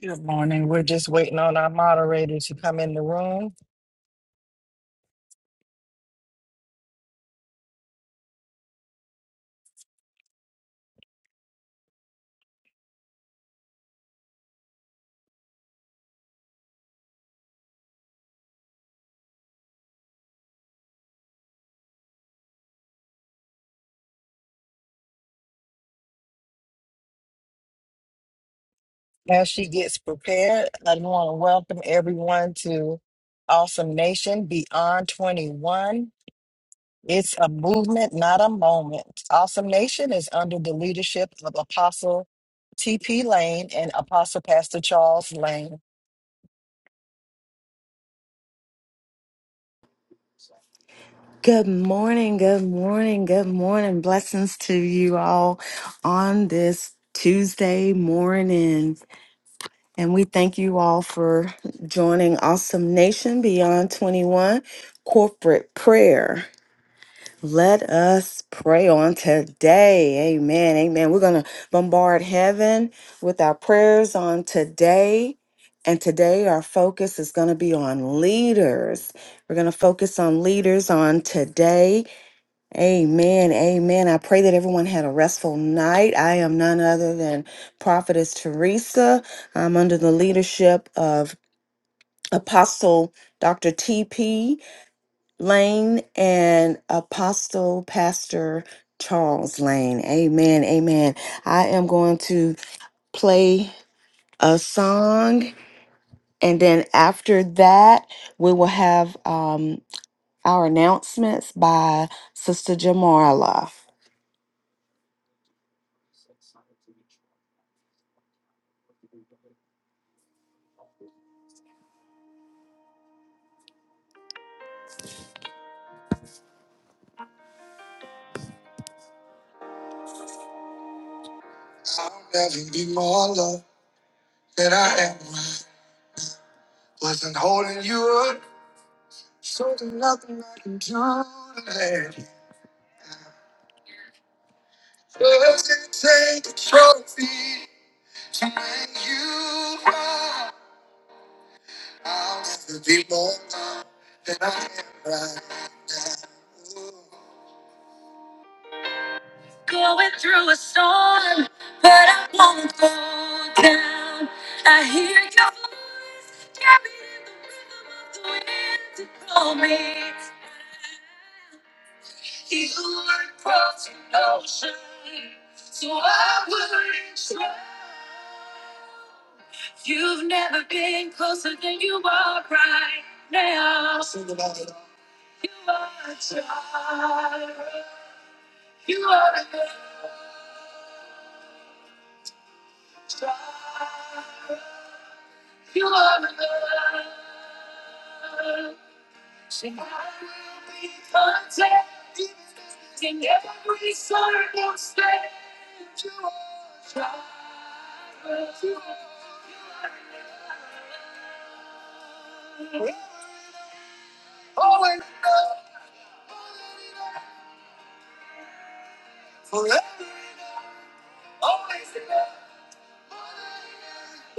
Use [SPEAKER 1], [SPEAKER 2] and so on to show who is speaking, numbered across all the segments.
[SPEAKER 1] Good morning. We're just waiting on our moderator to come in the room. As she gets prepared, I want to welcome everyone to Awesome Nation Beyond 21. It's a movement, not a moment. Awesome Nation is under the leadership of Apostle T.P. Lane and Apostle Pastor Charles Lane.
[SPEAKER 2] Good morning, good morning, good morning. Blessings to you all on this Tuesday morning. And we thank you all for joining Awesome Nation Beyond 21 Corporate Prayer. Let us pray on today. Amen. Amen. We're going to bombard heaven with our prayers on today. And today, our focus is going to be on leaders. We're going to focus on leaders on today Amen. Amen. I pray that everyone had a restful night. I am none other than Prophetess Teresa. I'm under the leadership of Apostle Dr. T.P. Lane and Apostle Pastor Charles Lane. Amen. Amen. I am going to play a song, and then after that, we will have um, our announcements by Sister Jamarla. I'll never be more loved than I am. Wasn't holding you up, so there's nothing I can do to let you. Doesn't take a trophy to make you cry. I'll never be more loved than I am right now. Ooh. Sing about it forever.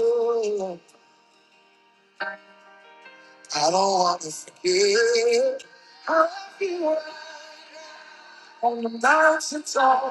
[SPEAKER 2] Ooh. I don't want to forget on the mountaintop.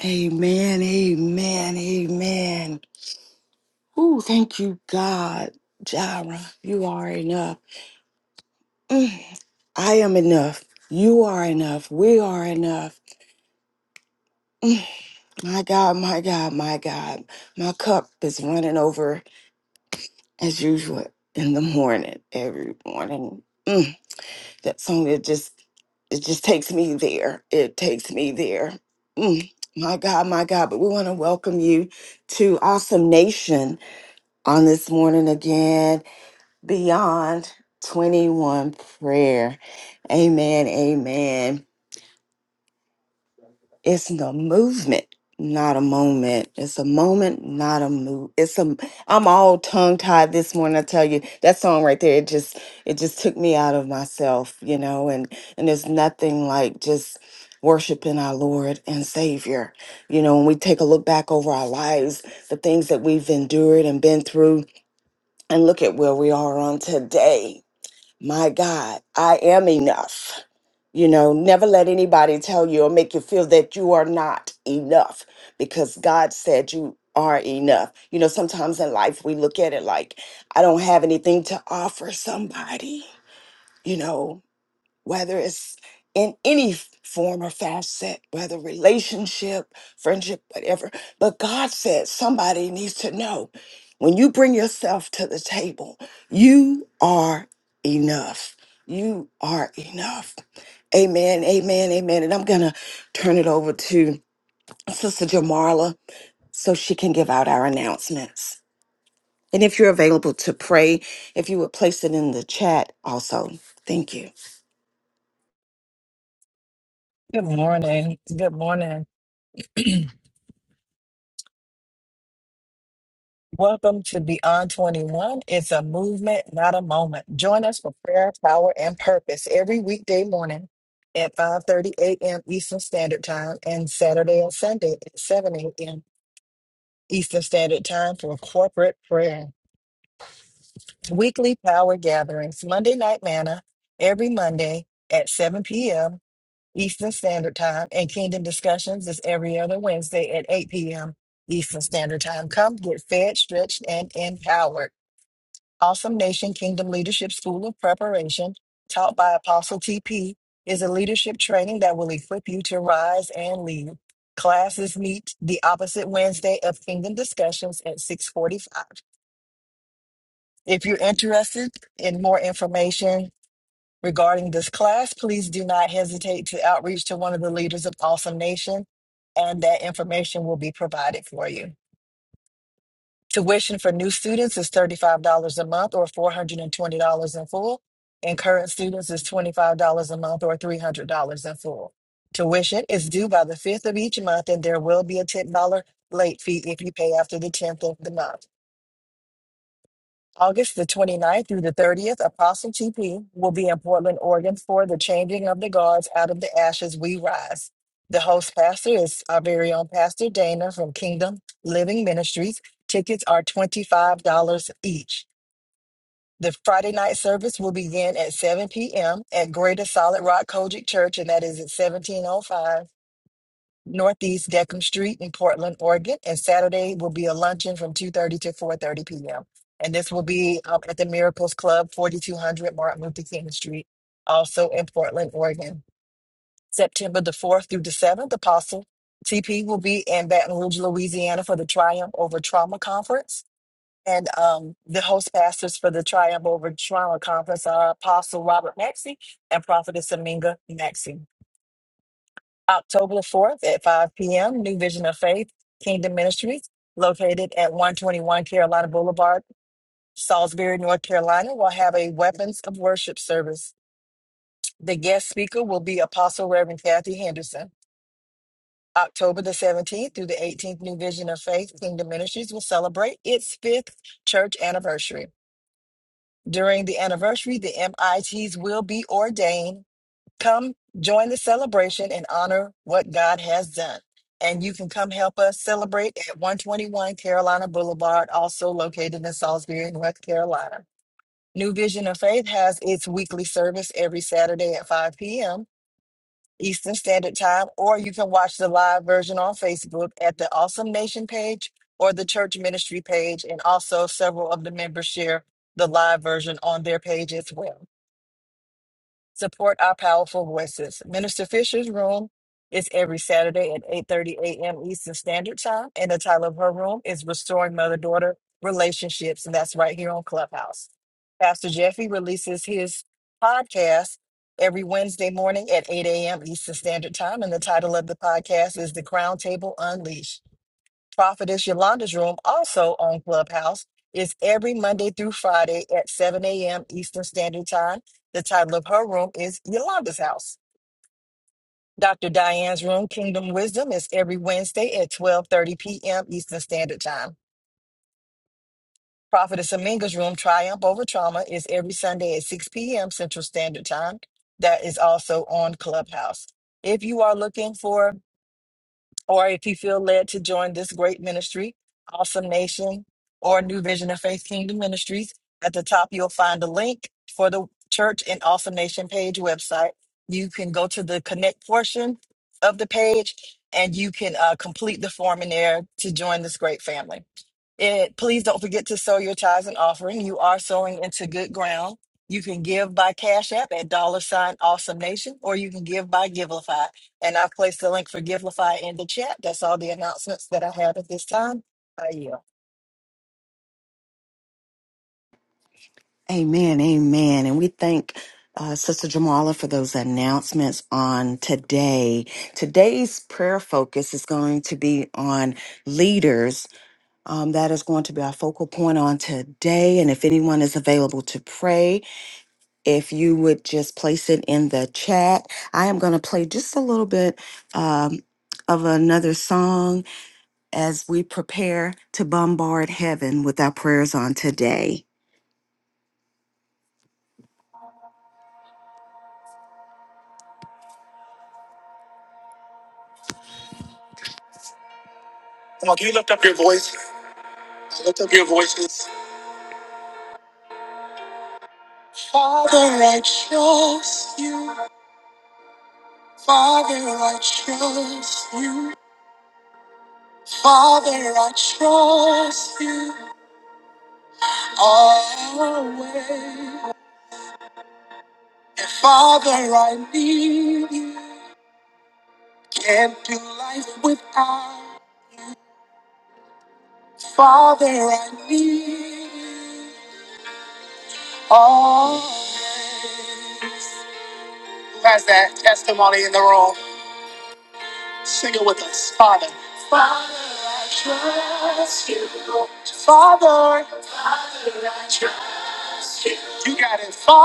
[SPEAKER 2] Amen, amen, amen. Ooh, thank you, God. Jara, you are enough. Mm, I am enough. You are enough. We are enough. Mm, My God, my God, my God. My cup is running over as usual in the morning, every morning. Mm, that song it just it just takes me there. It takes me there. Mm, my God, my God. But we want to welcome you to Awesome Nation on this morning again, beyond 21 prayer. Amen. Amen. It's the movement, not a moment. It's a moment, not a move. It's a. I'm all tongue tied this morning. I tell you that song right there. It just it just took me out of myself, you know. And and there's nothing like just worshiping our Lord and Savior. You know, when we take a look back over our lives, the things that we've endured and been through, and look at where we are on today my God, I am enough. You know, never let anybody tell you or make you feel that you are not enough because God said you are enough. You know, sometimes in life we look at it like, I don't have anything to offer somebody, you know, whether it's in any f- form or facet, whether relationship, friendship, whatever. But God said somebody needs to know when you bring yourself to the table, you are enough. You are enough. Amen, amen, amen. And I'm going to turn it over to Sister Jamarla so she can give out our announcements. And if you're available to pray, if you would place it in the chat also. Thank you.
[SPEAKER 1] Good morning. Good morning. Welcome to Beyond 21. It's a movement, not a moment. Join us for prayer, power, and purpose every weekday morning at 5:30 a.m. Eastern Standard Time and Saturday and Sunday at 7 a.m. Eastern Standard Time for corporate prayer. Weekly power gatherings, Monday night manna every Monday at 7 p.m. Eastern Standard Time and Kingdom Discussions is every other Wednesday at 8 p.m. Eastern Standard Time. Come get fed, stretched, and empowered. Awesome Nation Kingdom Leadership School of Preparation, taught by Apostle TP, is a leadership training that will equip you to rise and lead. Classes meet the opposite Wednesday of Kingdom Discussions at 645. If you're interested in more information regarding this class, please do not hesitate to outreach to one of the leaders of Awesome Nation, and that information will be provided for you. Tuition for new students is $35 a month or $420 in full, and current students is $25 a month or $300 in full. Tuition is due by the 5th of each month, and there will be a $10 late fee if you pay after the 10th of the month. August the 29th through the 30th, Apostle TP will be in Portland, Oregon for the Changing of the Guards Out of the Ashes We Rise. The host pastor is our very own Pastor Dana from Kingdom Living Ministries. Tickets are $25 each. The Friday night service will begin at 7 p.m. at Greater Solid Rock Kojic Church, and that is at 1705 Northeast Deckham Street in Portland, Oregon. And Saturday will be a luncheon from 2.30 to 4.30 p.m. And this will be um, at the Miracles Club, 4200 Martin Luther King Street, also in Portland, Oregon. September the 4th through the 7th, Apostle TP will be in Baton Rouge, Louisiana for the Triumph Over Trauma Conference. And um, the host pastors for the Triumph Over Trauma Conference are Apostle Robert Maxey and Prophetess Aminga Maxey. October 4th at 5 p.m., New Vision of Faith, Kingdom Ministries, located at 121 Carolina Boulevard, Salisbury, North Carolina, will have a Weapons of Worship service. The guest speaker will be Apostle Reverend Kathy Henderson. October the 17th through the 18th, New Vision of Faith, Kingdom Ministries will celebrate its fifth church anniversary. During the anniversary, the MITs will be ordained Come join the celebration and honor what God has done. And you can come help us celebrate at 121 Carolina Boulevard, also located in Salisbury, North Carolina. New Vision of Faith has its weekly service every Saturday at 5 p.m. Eastern Standard Time, or you can watch the live version on Facebook at the Awesome Nation page or the church ministry page. And also, several of the members share the live version on their page as well. Support our powerful voices. Minister Fisher's room is every Saturday at 8:30 a.m. Eastern Standard Time, and the title of her room is Restoring Mother-Daughter Relationships, and that's right here on Clubhouse. Pastor Jeffy releases his podcast every Wednesday morning at 8 a.m. Eastern Standard Time, and the title of the podcast is The Crown Table Unleashed. Prophetess Yolanda's room, also on Clubhouse, is every Monday through Friday at 7 a.m. Eastern Standard Time. The title of her room is Yolanda's House. Dr. Diane's room, Kingdom Wisdom, is every Wednesday at 12:30 p.m. Eastern Standard Time. Prophetess Aminga's room, Triumph Over Trauma, is every Sunday at 6 p.m. Central Standard Time. That is also on Clubhouse. If you are looking for or if you feel led to join this great ministry, Awesome Nation, or New Vision of Faith Kingdom Ministries, at the top you'll find a link for the church and Awesome Nation page website. You can go to the connect portion of the page and you can uh, complete the form in there to join this great family. It, please don't forget to sow your tithes and offering. You are sowing into good ground. You can give by Cash App at dollar sign awesome nation, or you can give by Givelify. And I've placed the link for Givelify in the chat. That's all the announcements that I have at this time. I yield.
[SPEAKER 2] Amen, amen. And we thank uh, Sister Jamala for those announcements on today. Today's prayer focus is going to be on leaders. Um, that is going to be our focal point on today. And if anyone is available to pray, if you would just place it in the chat, I am going to play just a little bit um, of another song as we prepare to bombard heaven with our prayers on today. Come on, can you lift up your voice? Lift up your voices. Father, I trust you. Father, I trust you. Father, I trust you. Always. And Father, I need you. Can't do life without. Father, I need you. All testimony in the room. Father, I got it. Father.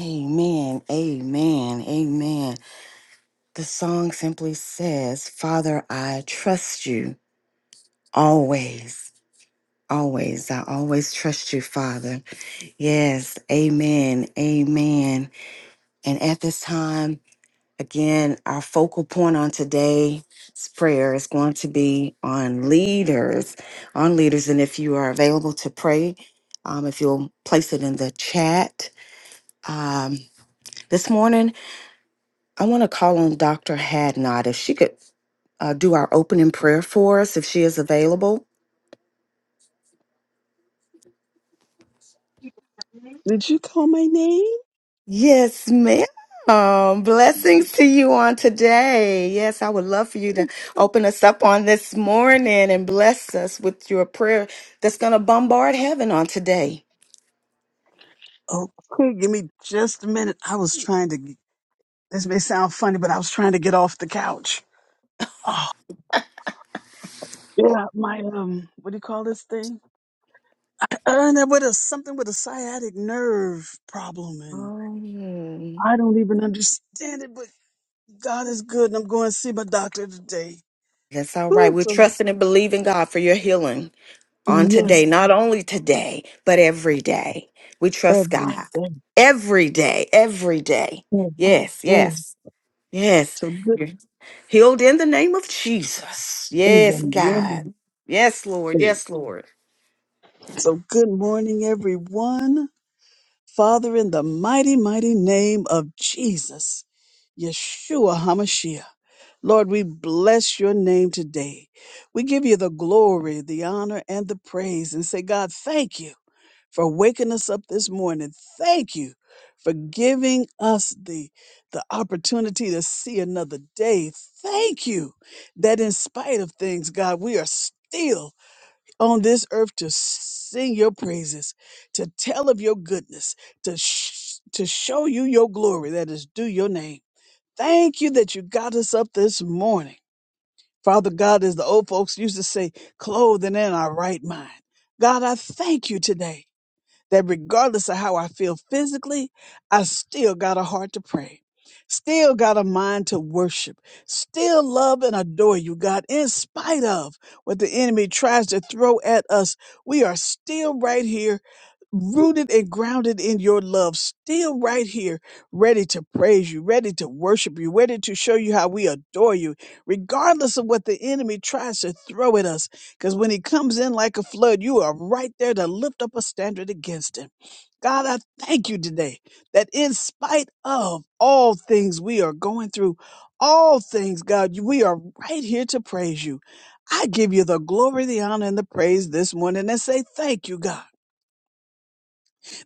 [SPEAKER 2] Amen. Amen. Amen. The song simply says, Father, I trust you always. Always. I always trust you, Father. Yes. Amen. Amen. And at this time, again, our focal point on today's prayer is going to be on leaders. On leaders. And if you are available to pray, um, if you'll place it in the chat. Um, this morning, I want to call on Dr. Hadnot if she could uh, do our opening prayer for us if she is available.
[SPEAKER 3] Did you call my name?
[SPEAKER 2] Yes, ma'am. Blessings to you on today. Yes, I would love for you to
[SPEAKER 3] Oh.
[SPEAKER 2] open us up on this morning and bless us with your prayer that's going to bombard heaven on today.
[SPEAKER 3] Okay, give me just a minute. I was trying to. g- This may sound funny, but I was trying to get off the couch. Oh, yeah, my um, what do you call this thing? Uh, no, with a something with a sciatic nerve problem, and
[SPEAKER 2] Oh.
[SPEAKER 3] I don't even understand it. But God is good, and I'm going to see my doctor today.
[SPEAKER 2] That's all right.
[SPEAKER 3] Ooh,
[SPEAKER 2] We're
[SPEAKER 3] so
[SPEAKER 2] trusting and believing God for your healing. on
[SPEAKER 3] yes,
[SPEAKER 2] today, not only today, but every day. We trust
[SPEAKER 3] every
[SPEAKER 2] God
[SPEAKER 3] day,
[SPEAKER 2] every day, every day.
[SPEAKER 3] every
[SPEAKER 2] Yes,
[SPEAKER 3] day.
[SPEAKER 2] yes, yes.
[SPEAKER 3] So good
[SPEAKER 2] you Healed in the name of Jesus.
[SPEAKER 3] in
[SPEAKER 2] Yes,
[SPEAKER 3] the morning.
[SPEAKER 2] God. Yes, Lord. Yes, Lord.
[SPEAKER 3] So good morning, everyone. Father, in the mighty, mighty name of Jesus, Yeshua HaMashiach. Lord, we bless your name today. We give you the glory, the honor, and the praise and say, God, thank you. for waking us up this morning. Thank you for giving us the, the opportunity to see another day. Thank you that in spite of things, God, we are still on this earth to sing your praises, to tell of your goodness, to, sh- to show you your glory that is due your name. Thank you that you got us up this morning. Father God, as the old folks used to say, clothing in our right mind. God, I thank you today that regardless of how I feel physically, I still got a heart to pray. Still got a mind to worship, still love and adore you, God, in spite of what the enemy tries to throw at us. We are still right here rooted and grounded in your love, still right here, ready to praise you, ready to worship you, ready to show you how we adore you, regardless of what the enemy tries to throw at us. Because when he comes in like a flood, you are right there to lift up a standard against him. God, I thank you today that in spite of all things we are going through, all things, God, we are right here to praise you. I give you the glory, the honor, and the praise this morning and say thank you, God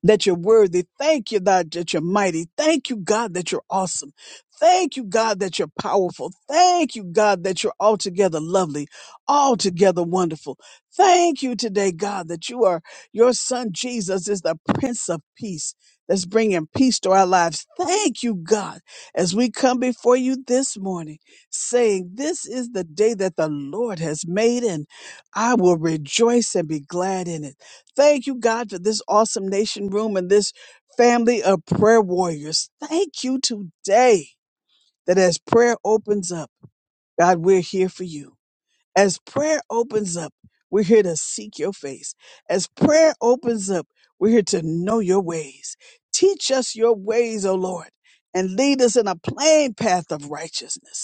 [SPEAKER 3] that you're worthy. Thank you, God, that you're mighty. Thank you, God, that you're awesome. Thank you, God, that you're powerful. Thank you, God, that you're altogether lovely, altogether wonderful. Thank you today, God, that you are your son Jesus is the Prince of Peace that's bringing peace to our lives. Thank you, God, as we come before you this morning, saying, This is the day that the Lord has made, and I will rejoice and be glad in it. Thank you, God, for this awesome nation room and this family of prayer warriors. Thank you today that as prayer opens up, God, we're here for you. As prayer opens up, we're here to seek your face. As prayer opens up, we're here to know your ways. Teach us your ways, O Lord, and lead us in a plain path of righteousness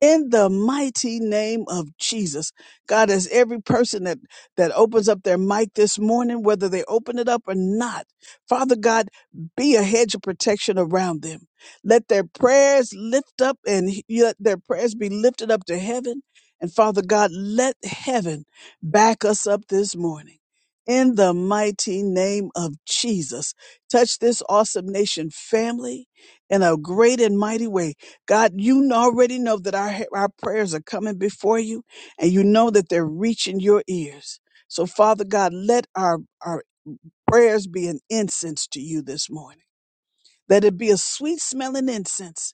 [SPEAKER 3] in the mighty name of Jesus. God, as every person that, that opens up their mic this morning, whether they open it up or not, Father God, be a hedge of protection around them. Let their prayers lift up and he- let their prayers be lifted up to heaven. And Father God, let heaven back us up this morning. In the mighty name of Jesus, touch this awesome nation family in a great and mighty way God, you already know that our, our prayers are coming before you, and you know that they're reaching your ears. So, Father God, let our, our prayers be an incense to you this morning. Let it be a sweet smelling incense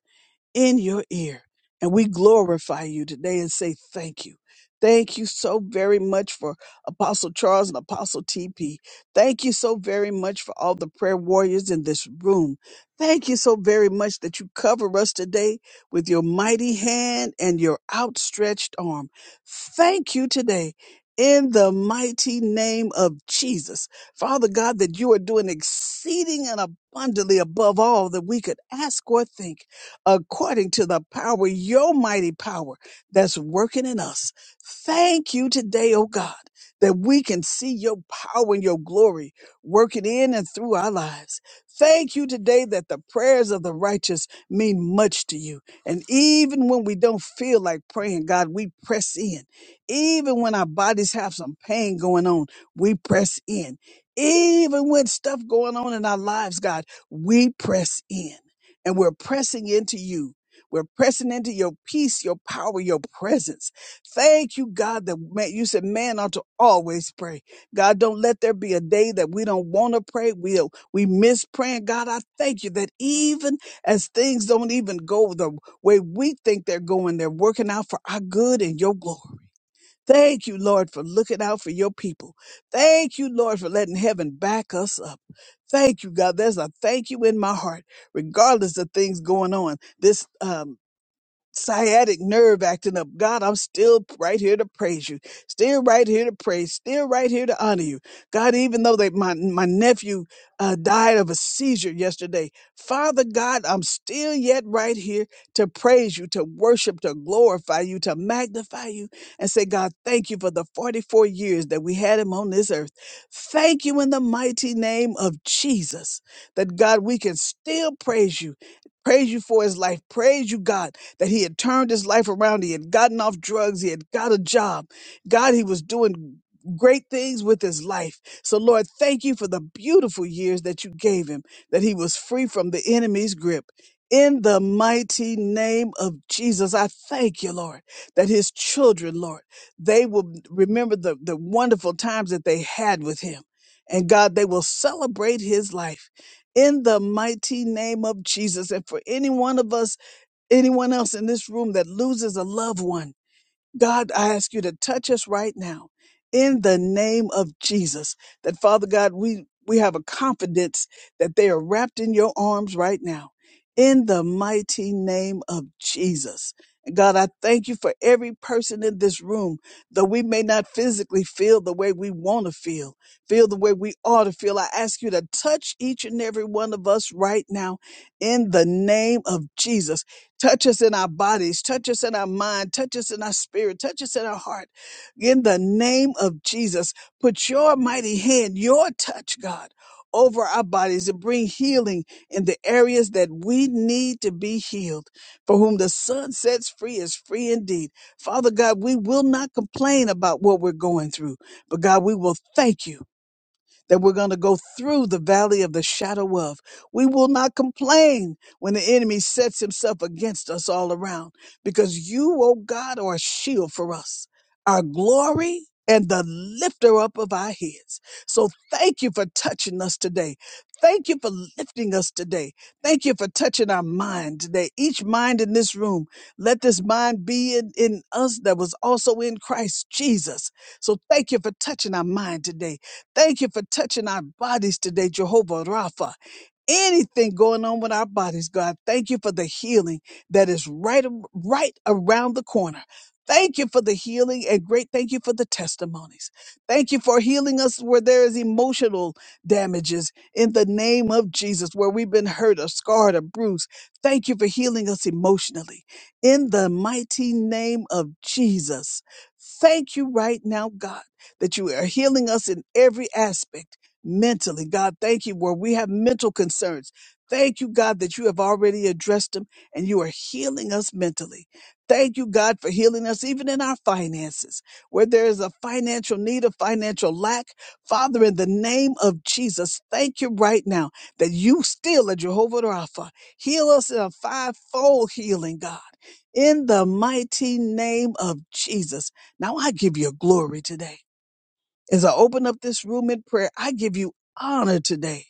[SPEAKER 3] in your ear. And we glorify you today and say thank you. Thank you so very much for Apostle Charles and Apostle TP. Thank you so very much for all the prayer warriors in this room. Thank you so very much that you cover us today with your mighty hand and your outstretched arm. Thank you today in the mighty name of Jesus. Father God, that you are doing exceeding and abundantly above all that we could ask or think according to the power, your mighty power that's working in us. Thank you today, oh God, that we can see your power and your glory working in and through our lives. Thank you today that the prayers of the righteous mean much to you. And even when we don't feel like praying, God, we press in. Even when our bodies have some pain going on, we press in. Even when stuff going on in our lives, God, we press in and we're pressing into you. We're pressing into your peace, your power, your presence. Thank you, God, that man, you said man ought to always pray. God, don't let there be a day that we don't want to pray. We we miss praying. God, I thank you that even as things don't even go the way we think they're going, they're working out for our good and your glory. Thank you, Lord, for looking out for your people. Thank you, Lord, for letting heaven back us up. Thank you, God. There's a thank you in my heart, regardless of things going on. This um, sciatic nerve acting up. God, I'm still right here to praise you. Still right here to praise. Still right here to honor you. God, even though they, my, my nephew uh, died of a seizure yesterday, Father God, I'm still yet right here to praise you, to worship, to glorify you, to magnify you, and say, God, thank you for the 44 years that we had him on this earth. Thank you in the mighty name of Jesus that, God, we can still praise you. Praise you for his life. Praise you, God that he had turned his life around. He had gotten off drugs. He had got a job. God, he was doing great things with his life. So, Lord, thank you for the beautiful years that you gave him, that he was free from the enemy's grip. In the mighty name of Jesus, I thank you, Lord, that his children, Lord, they will remember the, the wonderful times that they had with him. And God, they will celebrate his life in the mighty name of Jesus. And for any one of us anyone else in this room that loses a loved one, God, I ask you to touch us right now in the name of Jesus. That Father God, we, we have a confidence that they are wrapped in your arms right now in the mighty name of Jesus. And God, I thank you for every person in this room, though we may not physically feel the way we want to feel, feel the way we ought to feel. I ask you to touch each and every one of us right now in the name of Jesus Touch us in our bodies, touch us in our mind, touch us in our spirit, touch us in our heart. In the name of Jesus, put your mighty hand, your touch, God, over our bodies and bring healing in the areas that we need to be healed. For whom the sun sets free is free indeed. Father God, we will not complain about what we're going through, but God, we will thank you that we're going to go through the valley of the shadow of. We will not complain when the enemy sets himself against us all around, because you, O God, are a shield for us, our glory, and the lifter up of our heads. So thank you for touching us today. Thank you for lifting us today. Thank you for touching our mind today. Each mind in this room, let this mind be in, in us that was also in Christ Jesus. So thank you for touching our mind today. Thank you for touching our bodies today, Jehovah Rapha anything going on with our bodies, God. Thank you for the healing that is right, right around the corner. Thank you for the healing and great thank you for the testimonies. Thank you for healing us where there is emotional damages in the name of Jesus, where we've been hurt or scarred or bruised. Thank you for healing us emotionally in the mighty name of Jesus. Thank you right now, God, that you are healing us in every aspect mentally. God, thank you where we have mental concerns. Thank you, God, that you have already addressed them and you are healing us mentally. Thank you, God, for healing us even in our finances, where there is a financial need, a financial lack. Father, in the name of Jesus, thank you right now that you still are Jehovah Rapha. Heal us in a fivefold healing, God. In the mighty name of Jesus. Now I give you glory today. As I open up this room in prayer, I give you honor today.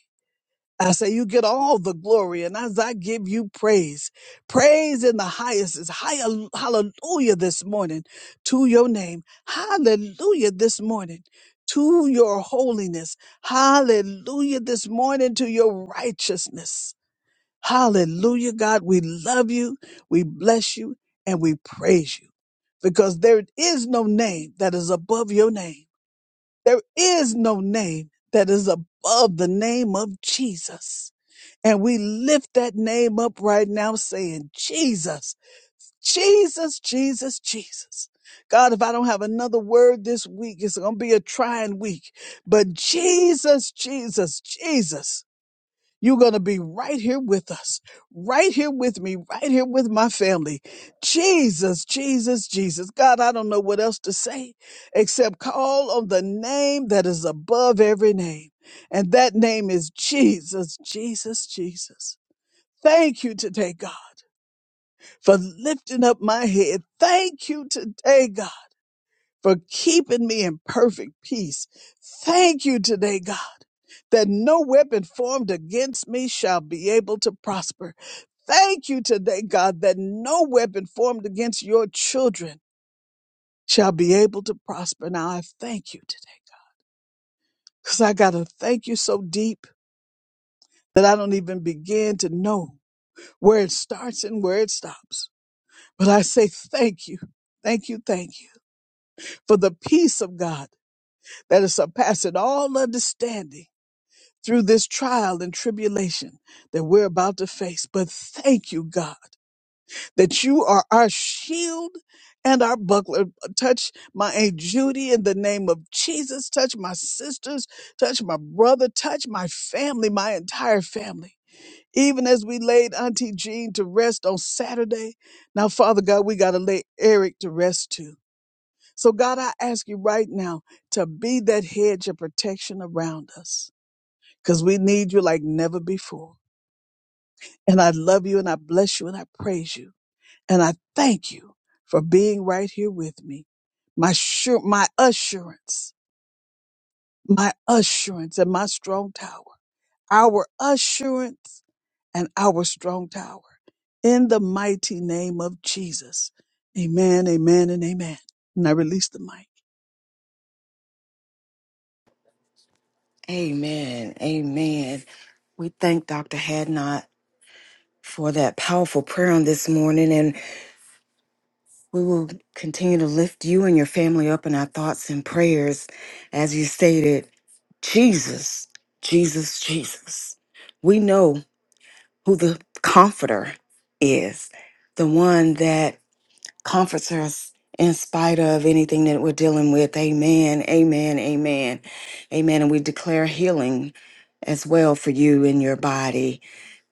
[SPEAKER 3] I say you get all the glory, and as I give you praise, praise in the highest is high, hallelujah this morning to your name, hallelujah this morning to your holiness, hallelujah this morning to your righteousness, hallelujah God, we love you, we bless you, and we praise you because there is no name that is above your name there is no name that is above the name of Jesus. And we lift that name up right now saying, Jesus, Jesus, Jesus, Jesus. God, if I don't have another word this week, it's going to be a trying week. But Jesus, Jesus, Jesus. You're going to be right here with us, right here with me, right here with my family. Jesus, Jesus, Jesus. God, I don't know what else to say except call on the name that is above every name. And that name is Jesus, Jesus, Jesus. Thank you today, God, for lifting up my head. Thank you today, God for keeping me in perfect peace. Thank you today, God, that no weapon formed against me shall be able to prosper. Thank you today, God, that no weapon formed against your children shall be able to prosper. Now I thank you today because I got to thank you so deep that I don't even begin to know where it starts and where it stops. But I say thank you, thank you, thank you for the peace of God that is surpassing all understanding through this trial and tribulation that we're about to face. But thank you, God, that you are our shield and our buckler. Touch my Aunt Judy in the name of Jesus. Touch my sisters. Touch my brother. Touch my family, my entire family. Even as we laid Auntie Jean to rest on Saturday, now, Father God, we got to lay Eric to rest too. So, God, I ask you right now to be that hedge of protection around us because we need you like never before. And I love you and I bless you and I praise you. And I thank you for being right here with me. My sure, my assurance, my assurance and my strong tower, our assurance and our strong tower in the mighty name of Jesus. Amen, amen, and amen. And I release the mic.
[SPEAKER 2] Amen. Amen. We thank Dr. Hadnot for that powerful prayer on this morning. We will continue to lift you and your family up in our thoughts and prayers. As you stated, Jesus, Jesus, Jesus. We know who the comforter is, the one that comforts us in spite of anything that we're dealing with. Amen, amen, amen, amen. And we declare healing as well for you in your body.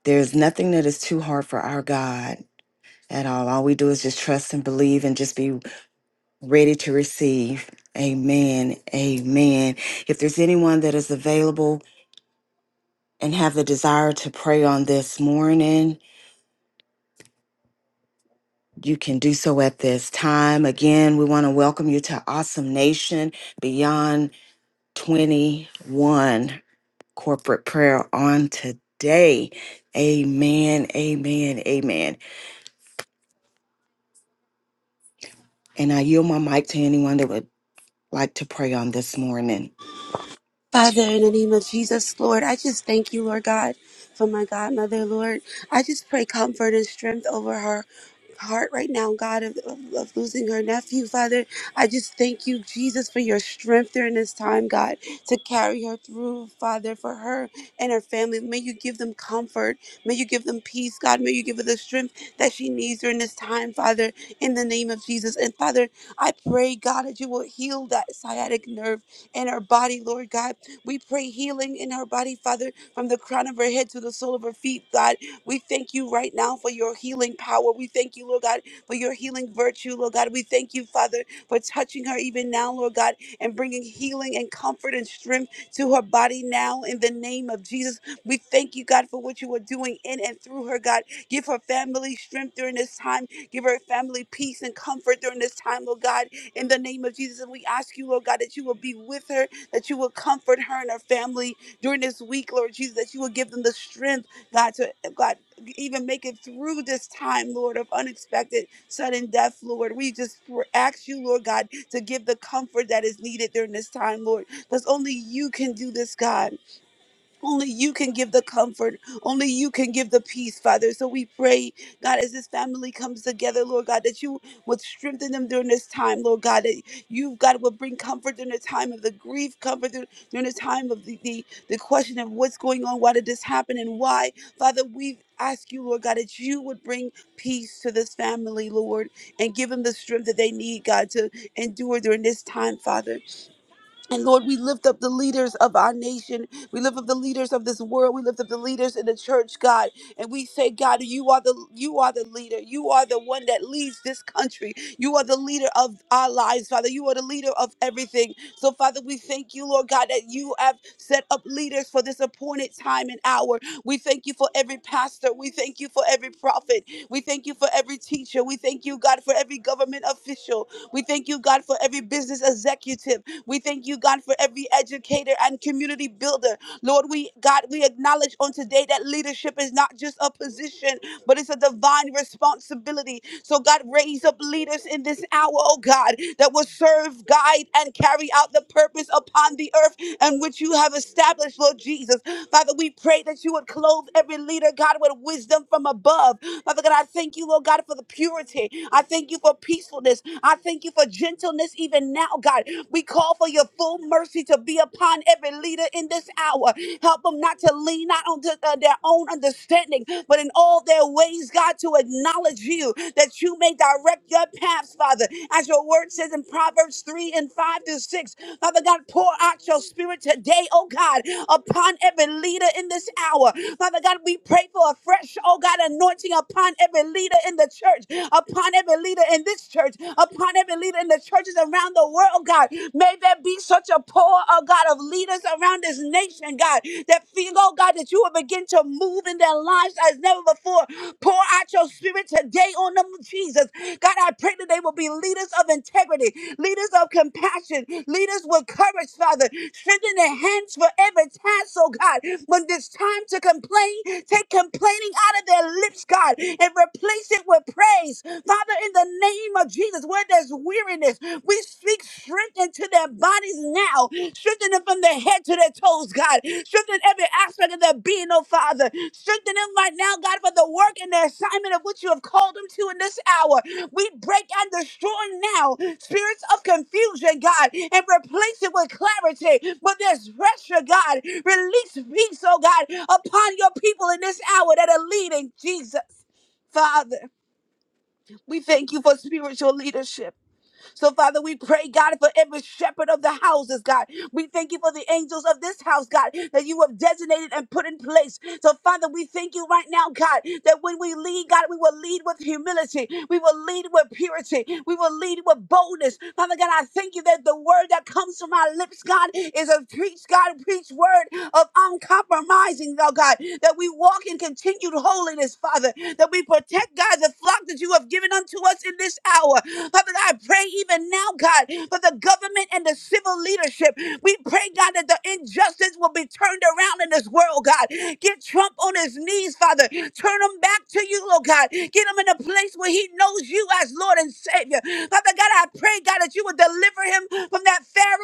[SPEAKER 2] There's nothing that is too hard for our God at all. All we do is just trust and believe and just be ready to receive. Amen. Amen. If there's anyone that is available and have the desire to pray on this morning, you can do so at this time. Again, we want to welcome you to Awesome Nation Beyond 21 corporate prayer on today. Amen. Amen. Amen. And I yield my mic to anyone that would like to pray on this morning.
[SPEAKER 4] Father, in the name of Jesus, Lord, I just thank you, Lord God, for my godmother, Lord. I just pray comfort and strength over her heart right now, God, of, of, of losing her nephew, Father. I just thank you, Jesus, for your strength during this time, God, to carry her through, Father, for her and her family. May you give them comfort. May you give them peace, God. May you give her the strength that she needs during this time, Father, in the name of Jesus. And Father, I pray, God, that you will heal that sciatic nerve in her body, Lord God we pray healing in her body, Father, from the crown of her head to the sole of her feet, God. We thank you right now for your healing power. We thank you, Lord God, for your healing virtue, Lord God. We thank you, Father, for touching her even now, Lord God, and bringing healing and comfort and strength to her body now in the name of Jesus. We thank you, God, for what you are doing in and through her, God. Give her family strength during this time. Give her family peace and comfort during this time, Lord God, in the name of Jesus. And we ask you, Lord God, that you will be with her that you would comfort her and her family during this week, Lord Jesus, that you would give them the strength, God, to God even make it through this time, Lord, of unexpected sudden death, Lord. We just ask you, Lord God, to give the comfort that is needed during this time, Lord, because only you can do this, God. Only you can give the comfort. Only you can give the peace, Father. So we pray, God, as this family comes together, Lord God, that you would strengthen them during this time, Lord God, that you, God, would bring comfort during the time of the grief, comfort dur- during the time of the, the, the question of what's going on, why did this happen, and why. Father, we ask you, Lord God, that you would bring peace to this family, Lord, and give them the strength that they need, God, to endure during this time, Father. And Lord, we lift up the leaders of our nation. We lift up the leaders of this world. We lift up the leaders in the church, God. And we say, God, you are the you are the leader. You are the one that leads this country. You are the leader of our lives, Father. You are the leader of everything. So, Father, we thank you, Lord God, that you have set up leaders for this appointed time and hour. We thank you for every pastor. We thank you for every prophet. We thank you for every teacher. We thank you, God, for every government official. We thank you, God, for every business executive. We thank you, God, for every educator and community builder. Lord, we, God, we acknowledge on today that leadership is not just a position, but it's a divine responsibility. So, God, raise up leaders in this hour, oh God, that will serve, guide, and carry out the purpose upon the earth and which you have established, Lord Jesus. Father, we pray that you would clothe every leader, God, with wisdom from above. Father God, I thank you, Lord God, for the purity. I thank you for peacefulness. I thank you for gentleness even now, God. We call for your full mercy to be upon every leader in this hour. Help them not to lean not on to, uh, their own understanding, but in all their ways, God, to acknowledge you that you may direct direct your paths, Father. As your word says in Proverbs 3 and 5 to 6, Father God, pour out your spirit today, oh God, upon every leader in this hour. Father God, we pray for a fresh, oh God, anointing upon every leader in the church, upon every leader in this church, upon every leader in the churches around the world, God. May there be such a pour, oh God, of leaders around this nation, God, that feel, oh God, that you you will begin to move in their lives as never before. Pour out your spirit today on them, Jesus. God, I pray that they will be leaders of integrity, leaders of compassion, leaders with courage, Father. Strengthen their hands for every task, oh God. When it's time to complain, take complaining out of their lips, God, and replace it with praise. Father, in the name of Jesus, where there's weariness, we speak Strengthen to their bodies now. Strengthen them from their head to their toes, God. Strengthen every aspect of their being, oh Father. Strengthen them right now, God, for the work and the assignment of which you have called them to in this hour. We break and destroy now spirits of confusion, God, and replace it with clarity. But there's pressure, God. Release peace, oh God, upon your people in this hour that are leading, Jesus. Father, we thank you for spiritual leadership. So, Father, we pray, God, for every shepherd of the houses, God. We thank you for the angels of this house, God, that you have designated and put in place. So, Father, we thank you right now, God, that when we lead, God, we will lead with humility. We will lead with purity. We will lead with boldness. Father God, I thank you that the word that comes from our lips, God, is a preach, God, preach word of uncompromising, oh God, that we walk in continued holiness holiness, Father, that we protect, God, the flock that you have given unto us in this hour. Father, God, I pray even now, God, for the government and the civil leadership. We pray, God, that the injustice will be turned around in this world, God. Get Trump on his knees, Father. Turn him back to you, Lord God. Get him in a place where he knows you as Lord and Savior. Father God, I pray, God, that you would deliver him from that Pharaoh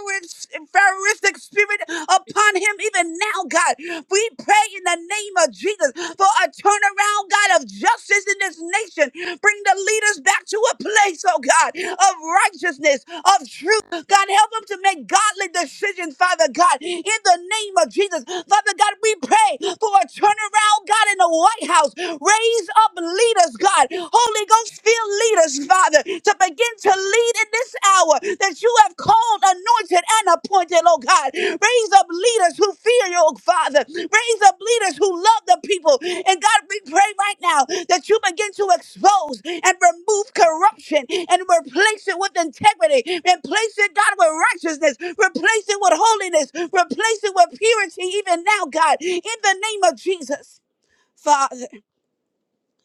[SPEAKER 4] Spirit upon him even now, God. We pray in the name of Jesus for a turnaround, God, of justice in this nation. Bring the leaders back to a place, oh God, of righteousness, of truth. God, help them to make godly decisions, Father God, in the name of Jesus. Father God, we pray for a turnaround, God, in the White House. Raise up leaders, God. Holy Ghost, fill leaders, Father to begin to lead in this hour that you have called, anointed, and appointed, oh God. Raise up leaders who fear you, oh Father. Raise up leaders who love the people. And God, we pray right now that you begin to expose and remove corruption and replace it with integrity. Replace it, God, with righteousness. Replace it with holiness. Replace it with purity, even now, God, in the name of Jesus. Father.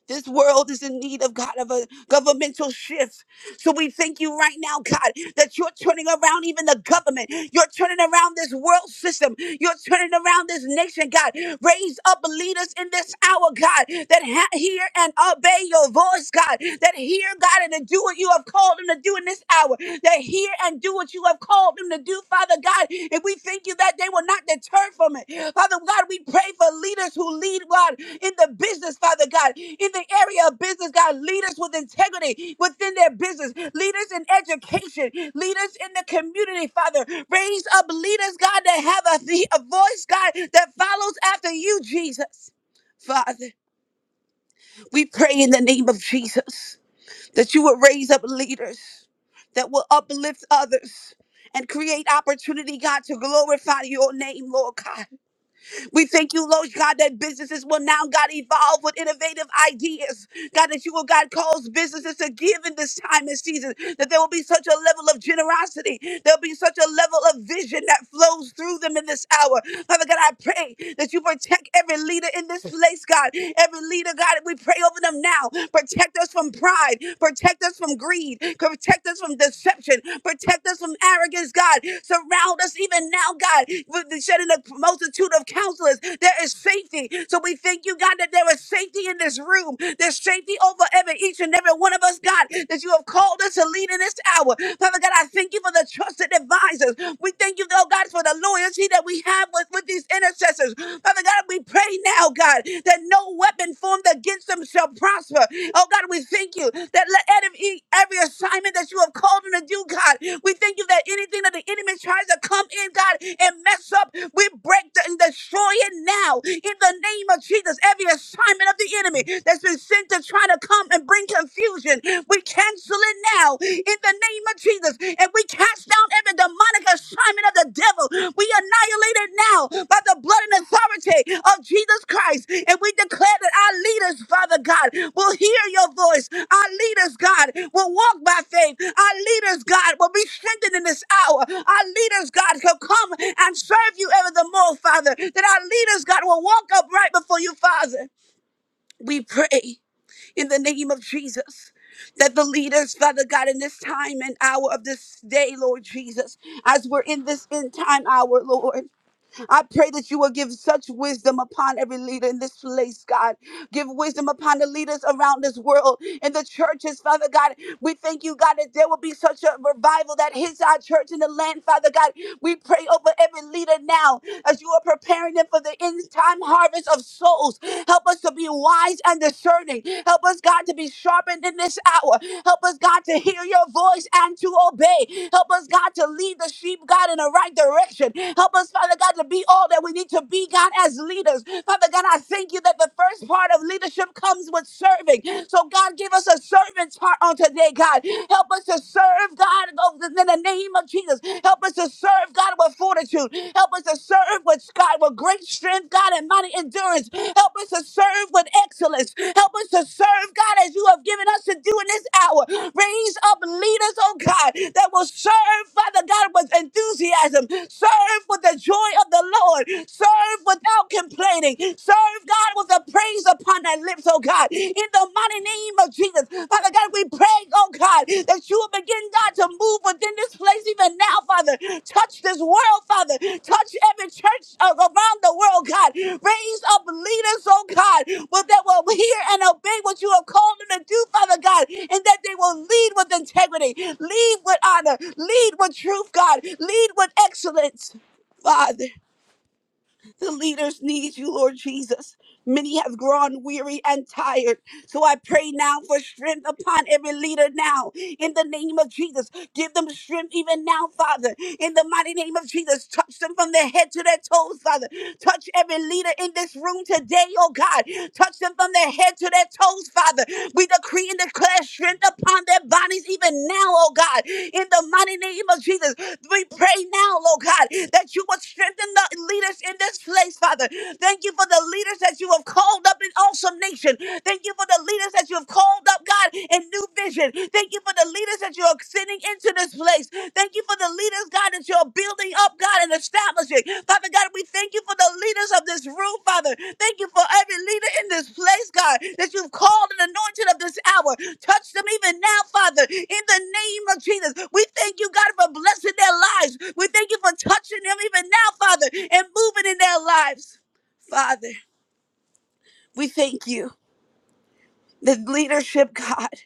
[SPEAKER 4] This world is in need of God of a governmental shift. So we thank you right now, God, that you're turning around even the government. You're turning around this world system. You're turning around this nation, God. Raise up leaders in this hour, God, that ha- hear and obey your voice, God, that hear, God, and to do what you have called them to do in this hour, that hear and do what you have called them to do, Father God. And we thank you that they will not deter from it. Father God, we pray for leaders who lead, God, in the business Father God, in the area of business, God, leaders with integrity within their business, leaders in education, leaders in the community, Father. Raise up leaders, God, that have a, the- a voice, God, that follows after you, Jesus. Father, we pray in the name of Jesus that you will raise up leaders that will uplift others and create opportunity, God, to glorify your name, Lord God. We thank you, Lord God, that businesses will now, God, evolve with innovative ideas. God, that you will, God, cause businesses to give in this time and season, that there will be such a level of generosity. There'll be such a level of vision that flows through them in this hour. Father God, I pray that you protect every leader in this place, God. Every leader, God, we pray over them now. Protect us from pride. Protect us from greed. Protect. Protect us from deception. Protect us from arrogance, God. Surround us even now, God, with the shedding of multitude of counselors. There is safety. So we thank you, God, that there is safety in this room. There's safety over every each and every one of us, God, that you have called us to lead in this hour. Father God, I thank you for the trusted advisors. We thank you, though, God, for the loyalty that we have with, with these intercessors. Father God, we pray right now, God, that no weapon formed against them shall prosper. Oh, God, we thank you that let every, every assignment that you have called them to do, God, we thank you that anything that the enemy tries to come in, God, and mess up, we break the, and destroy it now in the name of Jesus. Every assignment of the enemy that's been sent to try to come and bring confusion, we cancel it now in the name of Jesus and we cast down every demonic assignment of the devil. We annihilate it now by the blood and authority of Jesus Christ. And we declare that our leaders, Father God, will hear your voice. Our leaders, God, will walk by faith. Our leaders, God, will be strengthened in this hour. Our leaders, God, shall come and serve you ever the more, Father. That our leaders, God, will walk upright before you, Father. We pray in the name of Jesus. That the leaders, Father God, in this time and hour of this day, Lord Jesus, as we're in this end time hour, Lord. I pray that you will give such wisdom upon every leader in this place, God. Give wisdom upon the leaders around this world and the churches, Father God. We thank you, God, that there will be such a revival that hits our church in the land, Father God. We pray over every leader now as you are preparing them for the end time harvest of souls. Help us to be wise and discerning. Help us, God, to be sharpened in this hour. Help us, God, to hear your voice and to obey. Help us, God, to lead the sheep, God, in the right direction. Help us, Father. Father God, to be all that we need to be, God, as leaders. Father God, I thank you that the first part of leadership comes with serving. So, God, give us a servant's heart on today, God. Help us to serve, God, oh, in the name of Jesus. Help us to serve, God, with fortitude. Help us to serve with, God, with great strength, God, and mighty endurance. Help us to serve with excellence. Help us to serve, God, as you have given us to do in this hour. Raise up leaders, oh God, that will serve, Father God, with enthusiasm. Serve with the joy of the Lord. Serve without complaining. Serve God with a praise upon thy lips, oh God. In the mighty name of Jesus. Father God, we pray, oh God, that you will begin, God, to move within this place even now, Father. Touch this world, Father. Touch every church uh, around the world, God. Raise up leaders, oh God, but that will hear and obey what you have called them to do, Father God, and that they will lead with integrity, lead with honor, lead with truth, God, lead with excellence, Father. The leaders need you, Lord Jesus. Many have grown weary and tired. So I pray now for strength upon every leader now. In the name of Jesus, give them strength even now, Father. In the mighty name of Jesus, touch them from their head to their toes, Father. Touch every leader in this room today, oh God. Touch them from their head to their toes, Father. We decree and declare strength upon their bodies even now, oh God. In the mighty name of Jesus, we pray now, oh God, that you would strengthen the leaders in this place, Father. Thank you for the leaders that you have called up in awesome nation. Thank you for the leaders that you have called up, God, in new vision. Thank you for the leaders that you are sending into this place. Thank you for the leaders, God, that you're building up, God, and establishing. Father God, we thank you for the leaders of this room, Father. Thank you for every leader in this place, God, that you've called and anointed of this hour. Touch them even now, Father, in the name of Jesus. We thank you, God, for blessing their lives. We thank you for touching them even now, Father, and moving in their lives. Father, we thank you. The leadership, God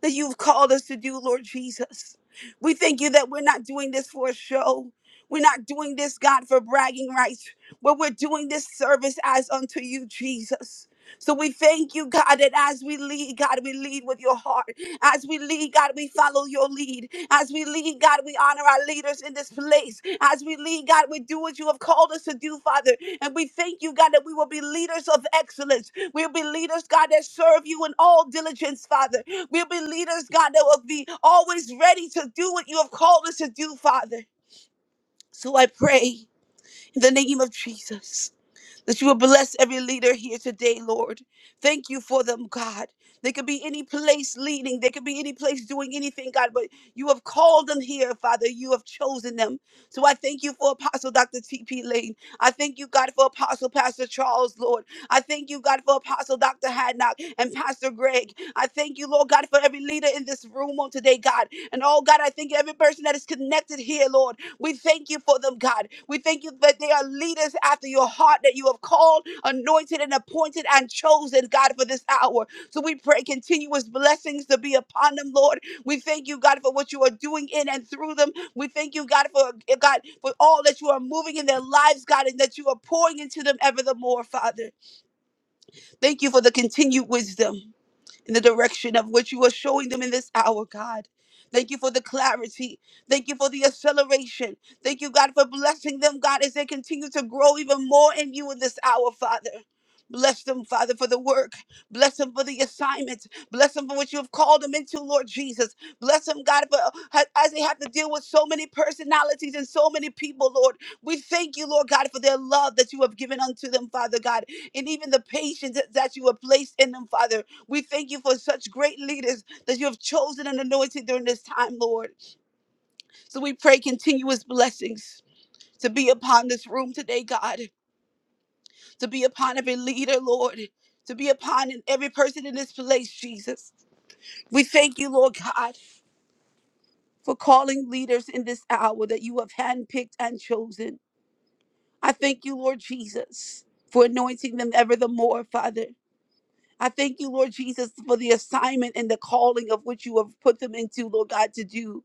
[SPEAKER 4] that you've called us to do, Lord Jesus. We thank you that we're not doing this for a show. We're not doing this, God, for bragging rights, but we're doing this service as unto you, Jesus. So we thank you, God, that as we lead, God, we lead with your heart. As we lead, God, we follow your lead. As we lead, God, we honor our leaders in this place. As we lead, God, we do what you have called us to do, Father. And we thank you, God, that we will be leaders of excellence. We'll be leaders, God, that serve you in all diligence, Father. We'll be leaders, God, that will be always ready to do what you have called us to do, Father. So I pray in the name of Jesus that you will bless every leader here today, Lord. Thank you for them, God. They could be any place leading, they could be any place doing anything, God, but you have called them here, Father. You have chosen them. So I thank you for Apostle Dr. T.P. Lane. I thank you, God, for Apostle Pastor Charles, Lord. I thank you, God, for Apostle Dr. Hadnock and Pastor Greg. I thank you, Lord God, for every leader in this room on today, God. And oh, God, I thank you, every person that is connected here, Lord. We thank you for them, God. We thank you that they are leaders after your heart that you have called, anointed, and appointed and chosen, God, for this hour. So we pray continuous blessings to be upon them, Lord. We thank you, God, for what you are doing in and through them. We thank you, God, for eh, God, for all that you are moving in their lives, God, and that you are pouring into them ever the more, Father. Thank you for the continued wisdom in the direction of which you are showing them in this hour, God. Thank you for the clarity. Thank you for the acceleration. Thank you, God, for blessing them, God, as they continue to grow even more in you in this hour, Father. Bless them, Father, for the work. Bless them for the assignment. Bless them for what you have called them into, Lord Jesus. Bless them, God, for as they have to deal with so many personalities and so many people, Lord. We thank you, Lord God, for their love that you have given unto them, Father God, and even the patience that that you have placed in them, Father. We thank you for such great leaders that you have chosen and anointed during this time, Lord. So we pray continuous blessings to be upon this room today, God, to be upon every leader, Lord, to be upon every person in this place, Jesus. We thank you, Lord God, for calling leaders in this hour that you have handpicked and chosen. I thank you, Lord Jesus, for anointing them ever the more, Father. I thank you, Lord Jesus, for the assignment and the calling of which you have put them into, Lord God, to do.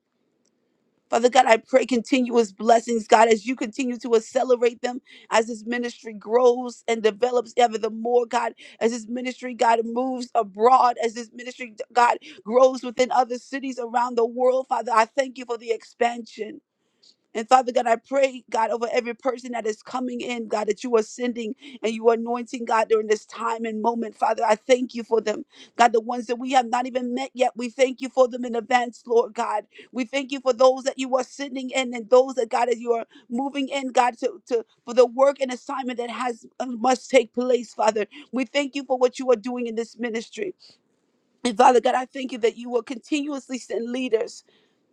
[SPEAKER 4] Father God, I pray continuous blessings, God, as you continue to accelerate them as this ministry grows and develops ever the more, God, as this ministry, God, moves abroad, as this ministry, God, grows within other cities around the world. Father, I thank you for the expansion. And Father God, I pray, God, over every person that is coming in, God, that you are sending and you are anointing, God, during this time and moment. Father, I thank you for them. God, the ones that we have not even met yet, we thank you for them in advance, Lord God. We thank you for those that you are sending in and those that, God, that you are moving in, God, to, to for the work and assignment that has uh, must take place, Father. We thank you for what you are doing in this ministry. And Father God, I thank you that you will continuously send leaders.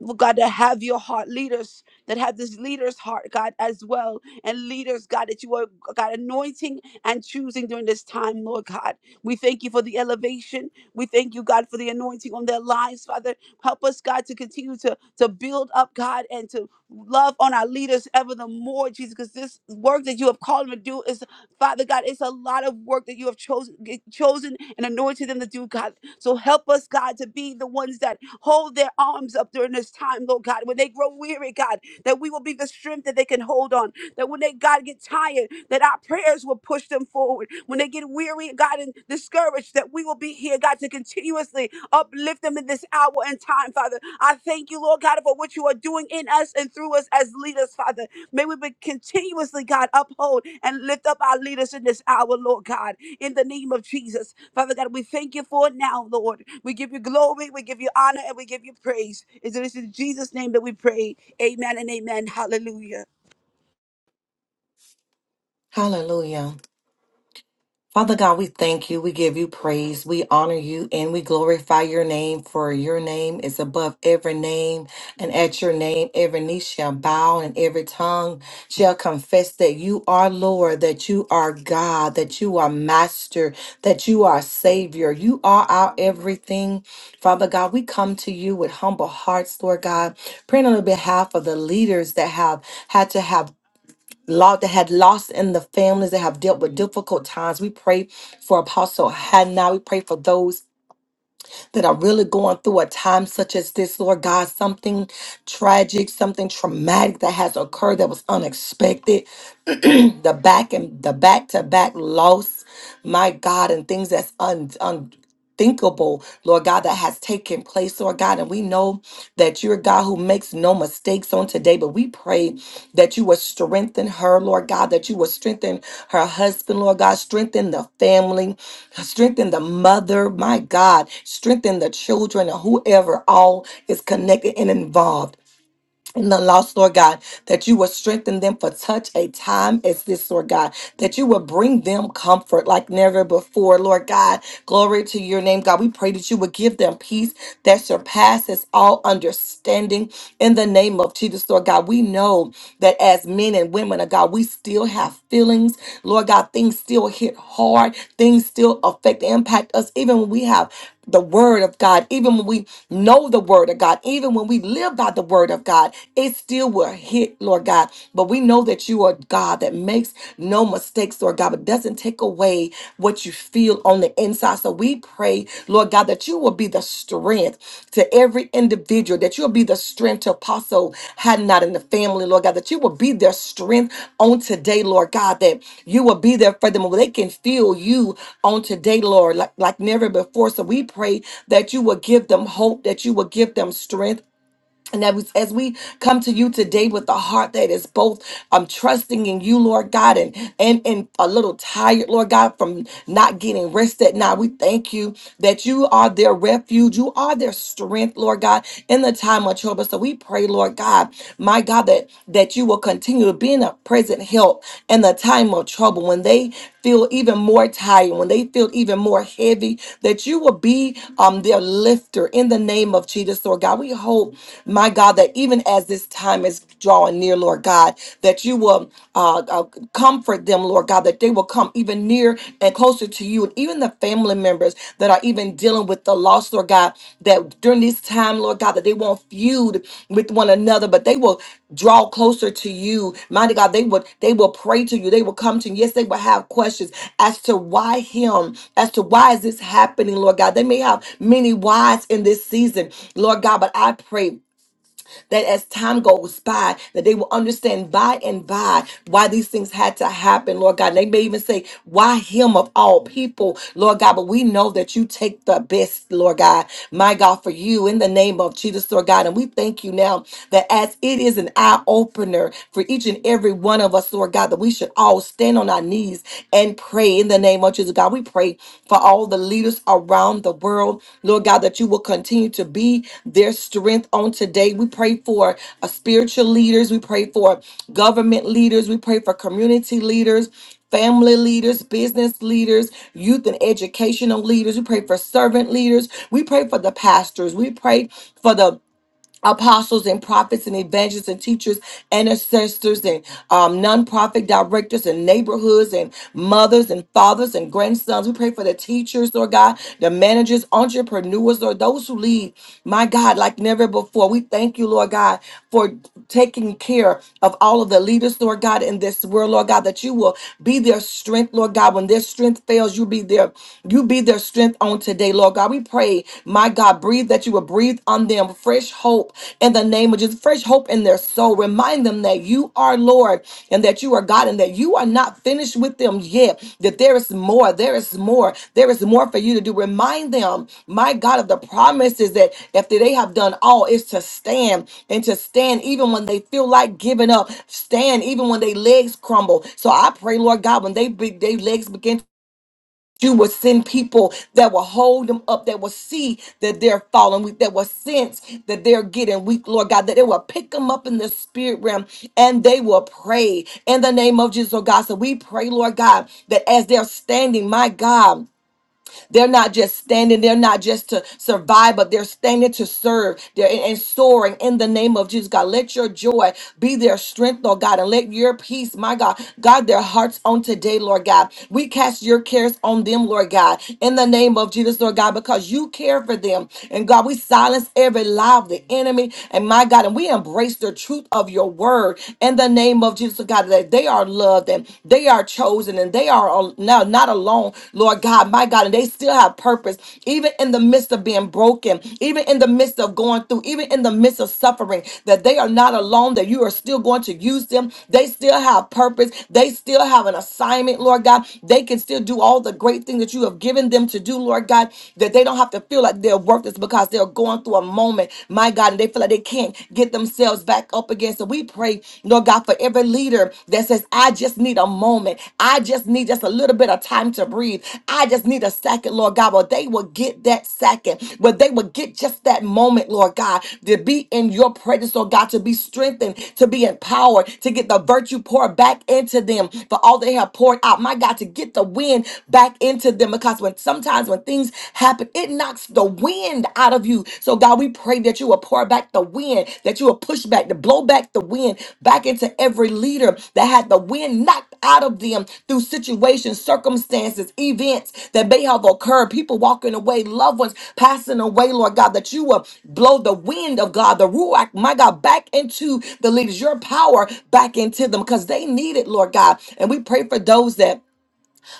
[SPEAKER 4] well, God, to have your heart, leaders that have this leader's heart, God, as well. And leaders, God, that you are, God, anointing and choosing during this time, Lord God. We thank you for the elevation. We thank you, God, for the anointing on their lives, Father. Help us, God, to continue to, to build up, God, and to love on our leaders ever the more, Jesus, because this work that you have called them to do is, Father God, it's a lot of work that you have chosen, chosen and anointed them to do, God. So help us, God, to be the ones that hold their arms up during this time, Lord God. When they grow weary, God, that we will be the strength that they can hold on. That when they, God, get tired, that our prayers will push them forward. When they get weary, God, and discouraged, that we will be here, God, to continuously uplift them in this hour and time, Father. I thank you, Lord God, for what you are doing in us and through us as leaders, Father. May we be continuously, God, uphold and lift up our leaders in this hour, Lord God, in the name of Jesus. Father God, we thank you for it now, Lord. We give you glory, we give you honor, and we give you praise. It is in Jesus' name that we pray. Amen and amen. Hallelujah.
[SPEAKER 5] Hallelujah. Father God, we thank you. We give you praise. We honor you and we glorify your name, for your name is above every name. And at your name, every knee shall bow and every tongue shall confess that you are Lord, that you are God, that you are Master, that you are Savior. You are our everything. Father God, we come to you with humble hearts, Lord God, praying on behalf of the leaders that have had to have Lord, that had lost in the families that have dealt with difficult times. We pray for Apostle Hannah. We pray for those that are really going through a time such as this, Lord God, something tragic, something traumatic that has occurred that was unexpected. the back and the back to back loss, my God, and things that's un, unthinkable, Lord God, that has taken place, Lord God. And we know that you're a God who makes no mistakes on today, but we pray that you will strengthen her, Lord God, that you will strengthen her husband, Lord God, strengthen the family, Strengthen the mother, my God. Strengthen the children or whoever all is connected and involved and the lost, Lord God, that you will strengthen them for such a time as this, Lord God, that you will bring them comfort like never before, Lord God. Glory to your name, God. We pray that you would give them peace that surpasses all understanding in the name of Jesus, Lord God. We know that as men and women of God, we still have feelings, Lord God. Things still hit hard, things still affect, impact us, even when we have the word of God, even when we know the word of God, even when we live by the word of God, it still will hit, Lord God. But we know that you are God that makes no mistakes, Lord God, but doesn't take away what you feel on the inside. So we pray, Lord God, that you will be the strength strength to every individual, that you'll be the strength to Apostle Hadnot and the family, Lord God, that you will be their strength on today, Lord God, that you will be there for them. They can feel you on today, Lord, like, like never before. So we pray that you will give them hope, that you will give them strength and that was, as we come to you today with a heart that is both um, trusting in you, Lord God, and, and and a little tired, Lord God, from not getting rest at night. We thank you that you are their refuge, you are their strength, Lord God, in the time of trouble. So we pray, Lord God, my God, that that you will continue to be in a present help in the time of trouble when they feel even more tired, when they feel even more heavy, that you will be um, their lifter in the name of Jesus, Lord God. We hope, my God, that even as this time is drawing near, Lord God, that you will uh, uh, comfort them, Lord God, that they will come even near and closer to you, and even the family members that are even dealing with the lost, Lord God, that during this time, Lord God, that they won't feud with one another, but they will draw closer to you. Mighty God, they would they will pray to you. They will come to you. Yes, they will have questions as to why him, as to why is this happening, Lord God. They may have many whys in this season, Lord God, but I pray that as time goes by, that they will understand by and by why these things had to happen, Lord God. And they may even say, why him of all people, Lord God? But we know that you take the best, Lord God, my God, for you in the name of Jesus, Lord God. And we thank you now that as it is an eye opener for each and every one of us, Lord God, that we should all stand on our knees and pray pray in the name of Jesus, God. We pray for all the leaders around the world, Lord God, that you will continue to be their strength on today. We pray for uh, spiritual leaders, we pray for government leaders, we pray for community leaders. Family leaders, business leaders, youth and educational leaders. We pray for servant leaders. We pray for the pastors. We pray for the apostles and prophets and evangelists and teachers and ancestors and um, nonprofit directors and neighborhoods and mothers and fathers and grandsons. We pray for the teachers, Lord God, the managers, entrepreneurs, or those who lead, my God, like never before. We thank you, Lord God, for taking care of all of the leaders, Lord God, in this world, Lord God, that you will be their strength, Lord God. When their strength fails, you be their you be their strength on today, Lord God. We we pray, my God, breathe that you will breathe on them fresh hope in the name of Jesus, fresh hope in their soul. Remind them that you are Lord and that you are God and that you are not finished with them yet, that there is more, there is more, there is more for you to do. Remind them, my God, of the promises that after they have done all is to stand and to stand even when they feel like giving up, stand even when their legs crumble. So I pray, Lord God, when they, be- they legs begin you will send people that will hold them up, that will see that they're falling weak, that will sense that they're getting weak, Lord God, that they will pick them up in the spirit realm and they will pray in the name of Jesus, Lord God. So we pray, Lord God, that as they're standing, my God. They're not just standing, they're not just to survive, but they're standing to serve. They're and and soaring in the name of Jesus. God, let your joy be their strength, Lord God, and let your peace, my God, God, their hearts on today, Lord God. We cast your cares on them, Lord God, in the name of Jesus, Lord God, because you care for them. And God, we silence every lie of the enemy, and my God, and we embrace the truth of your word in the name of Jesus, Lord God, that they are loved Lord, that they are chosen and they are al- now not alone, Lord God, my God, and they still have purpose, even in the midst of being broken, even in the midst of going through, even in the midst of suffering, that they are not alone, that you are still going to use them. They still have purpose. They still have an assignment, Lord God. They can still do all the great things that you have given them to do, Lord God, that they don't have to feel like they're worthless because they're going through a moment, my God, and they feel like they can't get the themselves back up again. So we pray, Lord God, for every leader that says, I just need a moment. I just need just a little bit of time to breathe. I just need a second, Lord God. Well, they will get that second, where they will get just that moment, Lord God, to be in your presence, Lord God, to be strengthened, to be empowered, to get the virtue poured back into them for all they have poured out. My God, to get the wind back into them. Because when sometimes when things happen, it knocks knocks the wind out of you. So, God, we pray that you will pour back the wind, that you will push back, to blow back the wind back into every leader that had the wind knocked out of them through situations, circumstances, events that may have occurred, people walking away, loved ones passing away, Lord God, that you will blow the wind of God, the Ruach, my God, back into the leaders, your power back into them because they need it, Lord God. And we pray for those that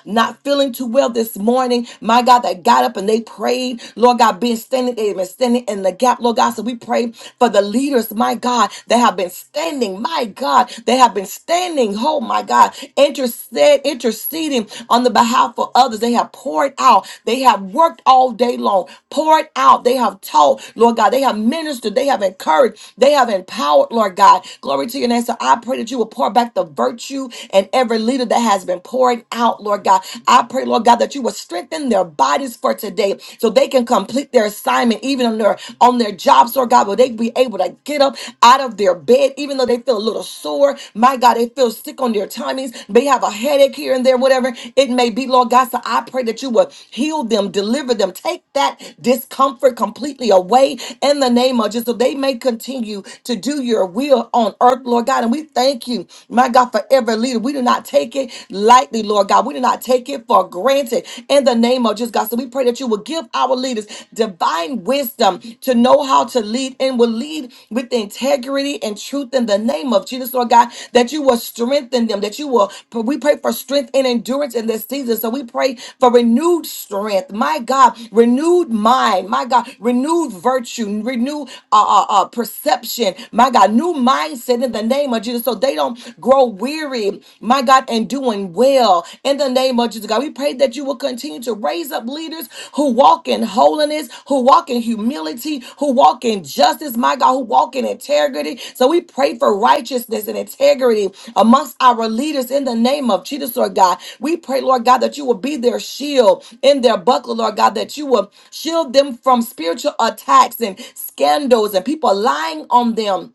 [SPEAKER 5] not feeling too well this morning, my God, that got up and they prayed, Lord God, being standing, they've been standing in the gap, Lord God. So we pray for the leaders, my God, that have been standing, my God, they have been standing, oh my God, interced, interceding on the behalf of others. They have poured out, they have worked all day long, poured out, they have taught, Lord God, they have ministered, they have encouraged, they have empowered, Lord God. Glory to your name. So I pray that you will pour back the virtue and every leader that that has been poured out, Lord God. I pray, Lord God, that you will strengthen their bodies for today so they can complete their assignment, even on their on their jobs, Lord God, where they be able to get up out of their bed, even though they feel a little sore. My God, they feel sick on their tummies. They have a headache here and there, whatever it may be, Lord God. So I pray that you will heal them, deliver them, take that discomfort completely away in the name of Jesus, so they may continue to do your will on earth, Lord God. And we thank you, my God. God, for every leader. We do not take it lightly, Lord God. We do not take it for granted. In the name of Jesus, God, so we pray that you will give our leaders divine wisdom to know how to lead and will lead with integrity and truth in the name of Jesus, Lord God, that you will strengthen them, that you will, we pray for strength and endurance in this season. So we pray for renewed strength, my God, renewed mind, my God, renewed virtue, renewed uh, uh, uh, perception, my God, new mindset in the name name of Jesus so they don't grow weary, my God, and doing well in the name of Jesus, God. We pray that you will continue to raise up leaders who walk in holiness, who walk in humility, who walk in justice, my God, who walk in integrity. So we pray for righteousness and integrity amongst our leaders in the name of Jesus, Lord God. We pray, Lord God, that you will be their shield in their buckler, Lord God, that you will shield them from spiritual attacks and scandals and people lying on them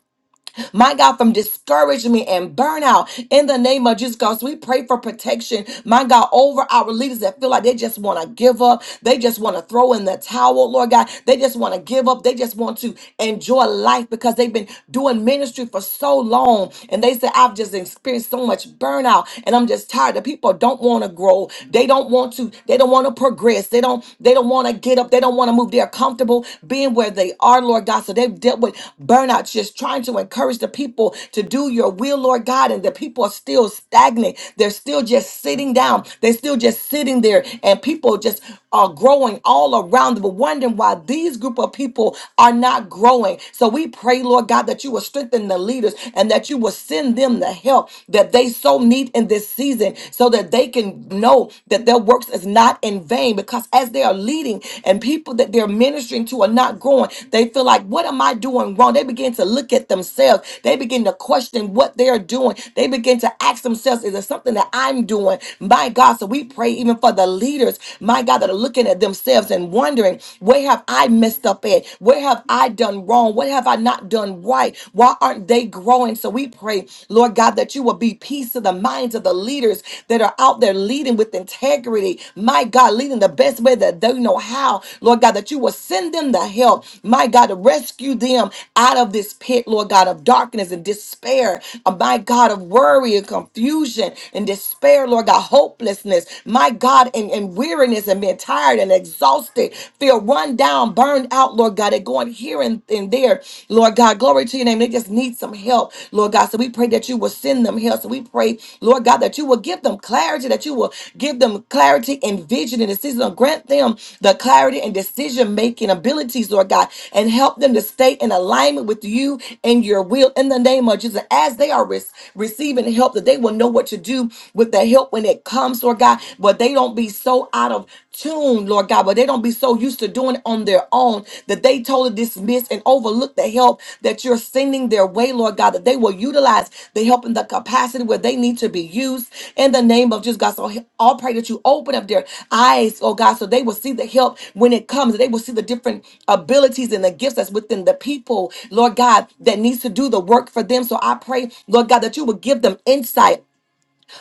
[SPEAKER 5] my God, from discouragement and burnout in the name of Jesus. Because we pray for protection, my God, over our leaders that feel like they just want to give up. They just want to throw in the towel, Lord God. They just want to give up. They just want to enjoy life because they've been doing ministry for so long. And they say, I've just experienced so much burnout and I'm just tired. The people don't want to grow. They don't want to, they don't want to progress. They don't, they don't want to get up. They don't want to move. They're comfortable comfortable being where they are, Lord God. So they've dealt with burnout, just trying to encourage the people to do your will, Lord God. And the people are still stagnant. They're still just sitting down. They're still just sitting there. And people just are growing all around them, But wondering why these group of people are not growing. So we pray, Lord God, that you will strengthen the leaders and that you will send them the help that they so need in this season so that they can know that their works is not in vain because as they are leading and people that they're ministering to are not growing, they feel like, what am I doing wrong? They begin to look at themselves. They begin to question what they're doing. They begin to ask themselves, is it something that I'm doing? My God. So we pray even for the leaders, my God, that are looking at themselves and wondering, where have I messed up at? Where have I done wrong? What have I not done right? Why aren't they growing? So we pray, Lord God, that you will be peace to the minds of the leaders that are out there leading with integrity. My God, leading the best way that they know how. Lord God, that you will send them the help. My God, to rescue them out of this pit, Lord God, of darkness and despair. Uh, My God, of worry and confusion and despair, Lord God, hopelessness. My God, and, and weariness and being tired and exhausted, feel run down, burned out, Lord God, and going here here and, and there, Lord God. Glory to your name. They just need some help, Lord God. So we pray that you will send them help. So we pray, Lord God, that you will give them clarity, that you will give them clarity and vision and decision. Grant them the clarity and decision making abilities, Lord God, and help them to stay in alignment with you and your will in the name of Jesus. As they are rec- receiving help, that they will know what to do with the help when it comes, Lord God, but they don't be so out of tuned, Lord God, but they don't be so used to doing it on their own that they totally dismiss and overlook the help that you're sending their way, Lord God, that they will utilize the help in the capacity where they need to be used in the name of Jesus, God. So I'll pray that you open up their eyes, oh God, so they will see the help when it comes. They will see the different abilities and the gifts that's within the people, Lord God, that needs to do the work for them. So I pray, Lord God, that you would give them insight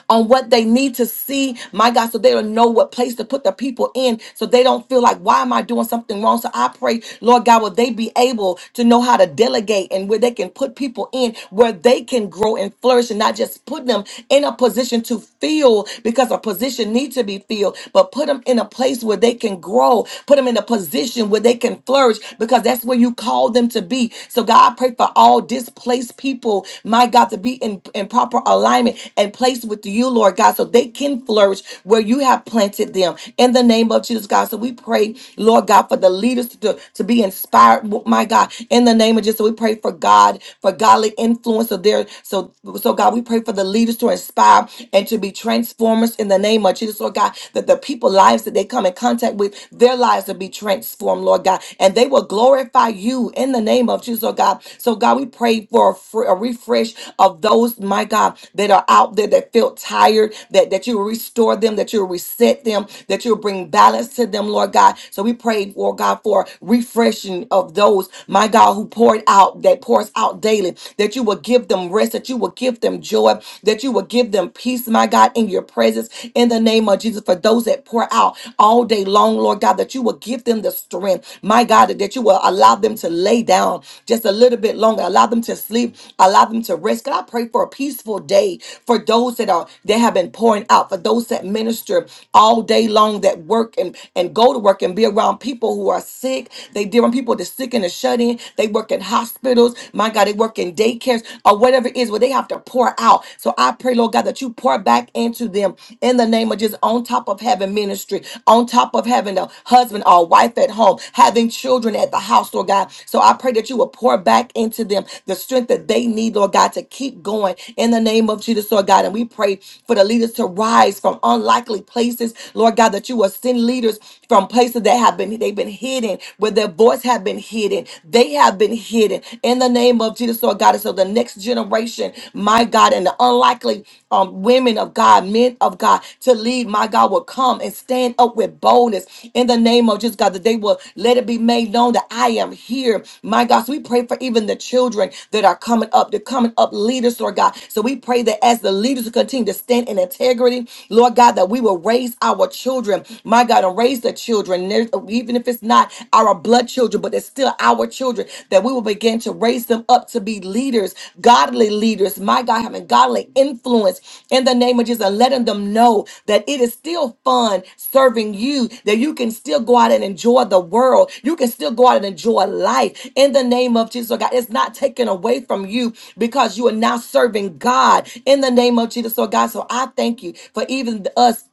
[SPEAKER 5] on what they need to see, my God, so they'll know what place to put the people in so they don't feel like, why am I doing something wrong? So I pray, Lord God, will they be able to know how to delegate and where they can put people in where they can grow and flourish and not just put them in a position to fill because a position needs to be filled, but put them in a place where they can grow, put them in a position where they can flourish because that's where you call them to be. So God, I pray for all displaced place people, my God, to be in, in proper alignment and placed with you, Lord God, so they can flourish where you have planted them. In the name of Jesus, God. So we pray, Lord God, for the leaders to, to be inspired, my God, in the name of Jesus. So we pray for God, for godly influence of their so so God, we pray for the leaders to inspire and to be transformers in the name of Jesus, Lord God, that the people lives that they come in contact with, their lives to be transformed, Lord God. And and they will glorify you in the name of Jesus, oh God. So, God, we pray for a, fr- a refresh of those, my God, that are out there that feel tired, that, that you will restore them, that you will reset them, that you will bring balance to them, Lord God. So, we pray, Lord God, for refreshing of those, my God, who poured out, that pours out daily, that you will give them rest, that you will give them joy, that you will give them peace, my God, in your presence, in the name of Jesus, for those that could pour out all day long, Lord God, that you will give them the strength, my God, that you will allow them to lay down just a little bit longer, allow them to sleep, allow them to rest. God, I pray for a peaceful day for those that are that have been pouring out, for those that minister all day long, that work and, and go to work and be around people who are sick. They deal with people that's sick and are shut in. They work in hospitals. My God, they work in daycares or whatever it is where they have to pour out. So I I pray, Lord God, that you pour back into them in the name of Jesus, on top of having ministry, on top of having a husband or wife at home, having children at the house, Lord God. So I pray that you will pour back into them the strength that they need, Lord God, to keep going in the name of Jesus, Lord God. And we pray for the leaders to rise from unlikely places, Lord God, that you will send leaders from places that have been they've been hidden, where their voice have been hidden. They have been hidden in the the name of Jesus, Lord God. And so the next generation, my God, and the unlikely um, women of God, men of God, to lead, my God, will come and stand up with boldness in the name of Jesus, God, that they will let it be made known that I am here, my God. So we pray for even the children that are coming up, they're coming up leaders, Lord God. So we pray that as the leaders continue to stand in integrity, Lord God, that we will raise our children, my God, and raise the children, and there's- even if it's it's not our blood children, but it's still our children, that we will begin to raise them up to be leaders, godly leaders, my God, having godly influence in the name of Jesus, and letting them know that it is still fun serving you, that you can still go out and enjoy the world, you can still go out and enjoy life in the name of Jesus, oh God. It's not taken away from you because you are now serving God in the name of Jesus, oh God. So I thank you for even us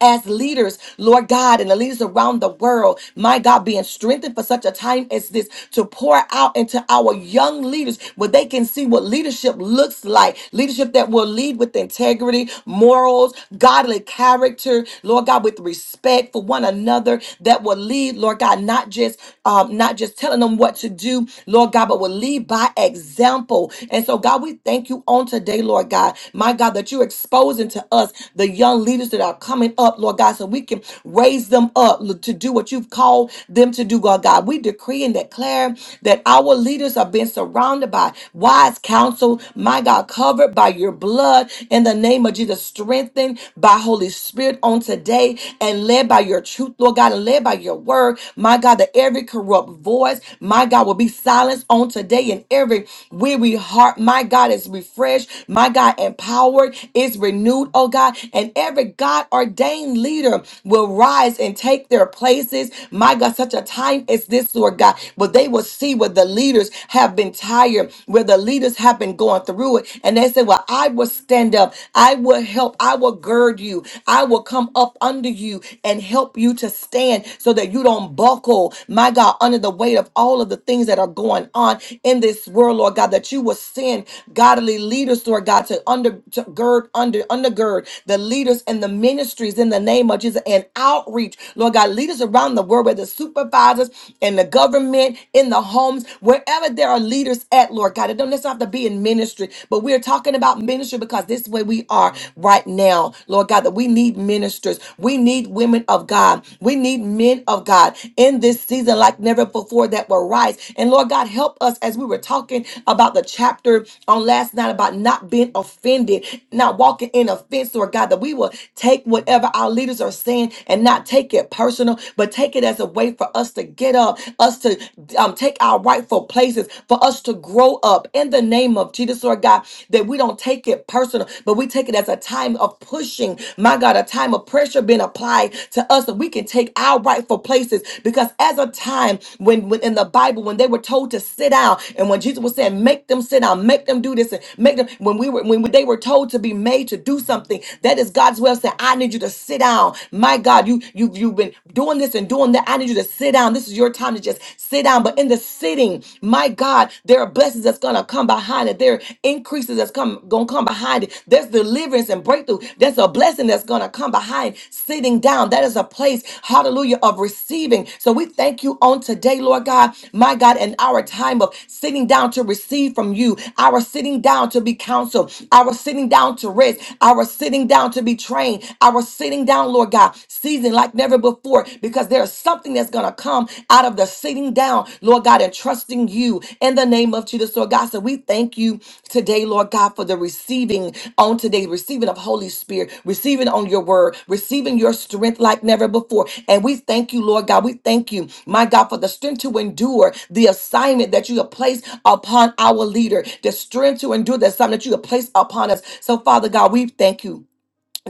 [SPEAKER 5] as leaders, Lord God, and the leaders around the world, my God, being strengthened for such a time as this to pour out into our young leaders where they can see what leadership looks like leadership that will lead with integrity, morals, godly character, Lord God, with respect for one another, that will lead, Lord God, not just um, not just telling them what to do, Lord God, but will lead by example. And so, God, we thank you on today, Lord God, my God, that you're exposing to us the young leaders that are coming coming up, Lord God, so we can raise them up to do what you've called them to do, God. God, we decree and declare that our leaders are being surrounded by wise counsel, my God, covered by your blood in the name of Jesus, strengthened by Holy Spirit on today and led by your truth, Lord God, and led by your word, my God, that every corrupt voice, my God, will be silenced on today and every weary heart, my God, is refreshed, my God, empowered, is renewed, oh God, and every God God ordained leader will rise and take their places. My God, such a time as this, Lord God, but they will see where the leaders have been tired, where the leaders have been going through it. And they say, Well, I will stand up. I will help. I will gird you. I will come up under you and help you to stand so that you don't buckle, my God, under the weight of all of the things that are going on in this world, Lord God, that you will send godly leaders, Lord God, to under to gird under undergird the leaders and the the ministries in the name of Jesus and outreach. Lord God, leaders around the world, where the supervisors and the government, in the homes, wherever there are leaders at, Lord God. It don't necessarily have to be in ministry, but we're talking about ministry because this is where we are right now, Lord God, that we need ministers. We need women of God. We need men of God in this season like never before that will rise. And Lord God, help us as we were talking about the chapter on last night about not being offended, not walking in offense, Lord God, that we will people take whatever our leaders are saying and not take it personal, but take it as a way for us to get up, us to um, take our rightful places, for us to grow up in the name of Jesus, Lord God, that we don't take it personal, but we take it as a time of pushing, my God, a time of pressure being applied to us that we can take our rightful places. Because as a time when, when in the Bible, when they were told to sit down, and when Jesus was saying, make them sit down, make them do this, and make them, when we were when they were told to be made to do something, that is God's way of saying, I need you to sit down. My God, you, you, you've been doing this and doing that. I need you to sit down. This is your time to just sit down. But in the sitting, my God, there are blessings that's going to come behind it. There are increases that's come going to come behind it. There's deliverance and breakthrough. There's a blessing that's going to come behind sitting down. That is a place, hallelujah, of receiving. So we thank you on today, Lord God, my God, in our time of sitting down to receive from you, our sitting down to be counseled, our sitting down to rest, our sitting down down to be trained, our sitting down, Lord God, seasoned like never before, because there's something that's going to come out of the sitting down, Lord God, and trusting you in the name of Jesus, Lord God. So we thank you today, Lord God, for the receiving on today, receiving of Holy Spirit, receiving on your word, receiving your strength like never before. And we thank you, Lord God. We thank you, my God, for the strength to endure the assignment that you have placed upon our leader, the strength to endure the assignment that you have placed upon us. So, Father God, we thank you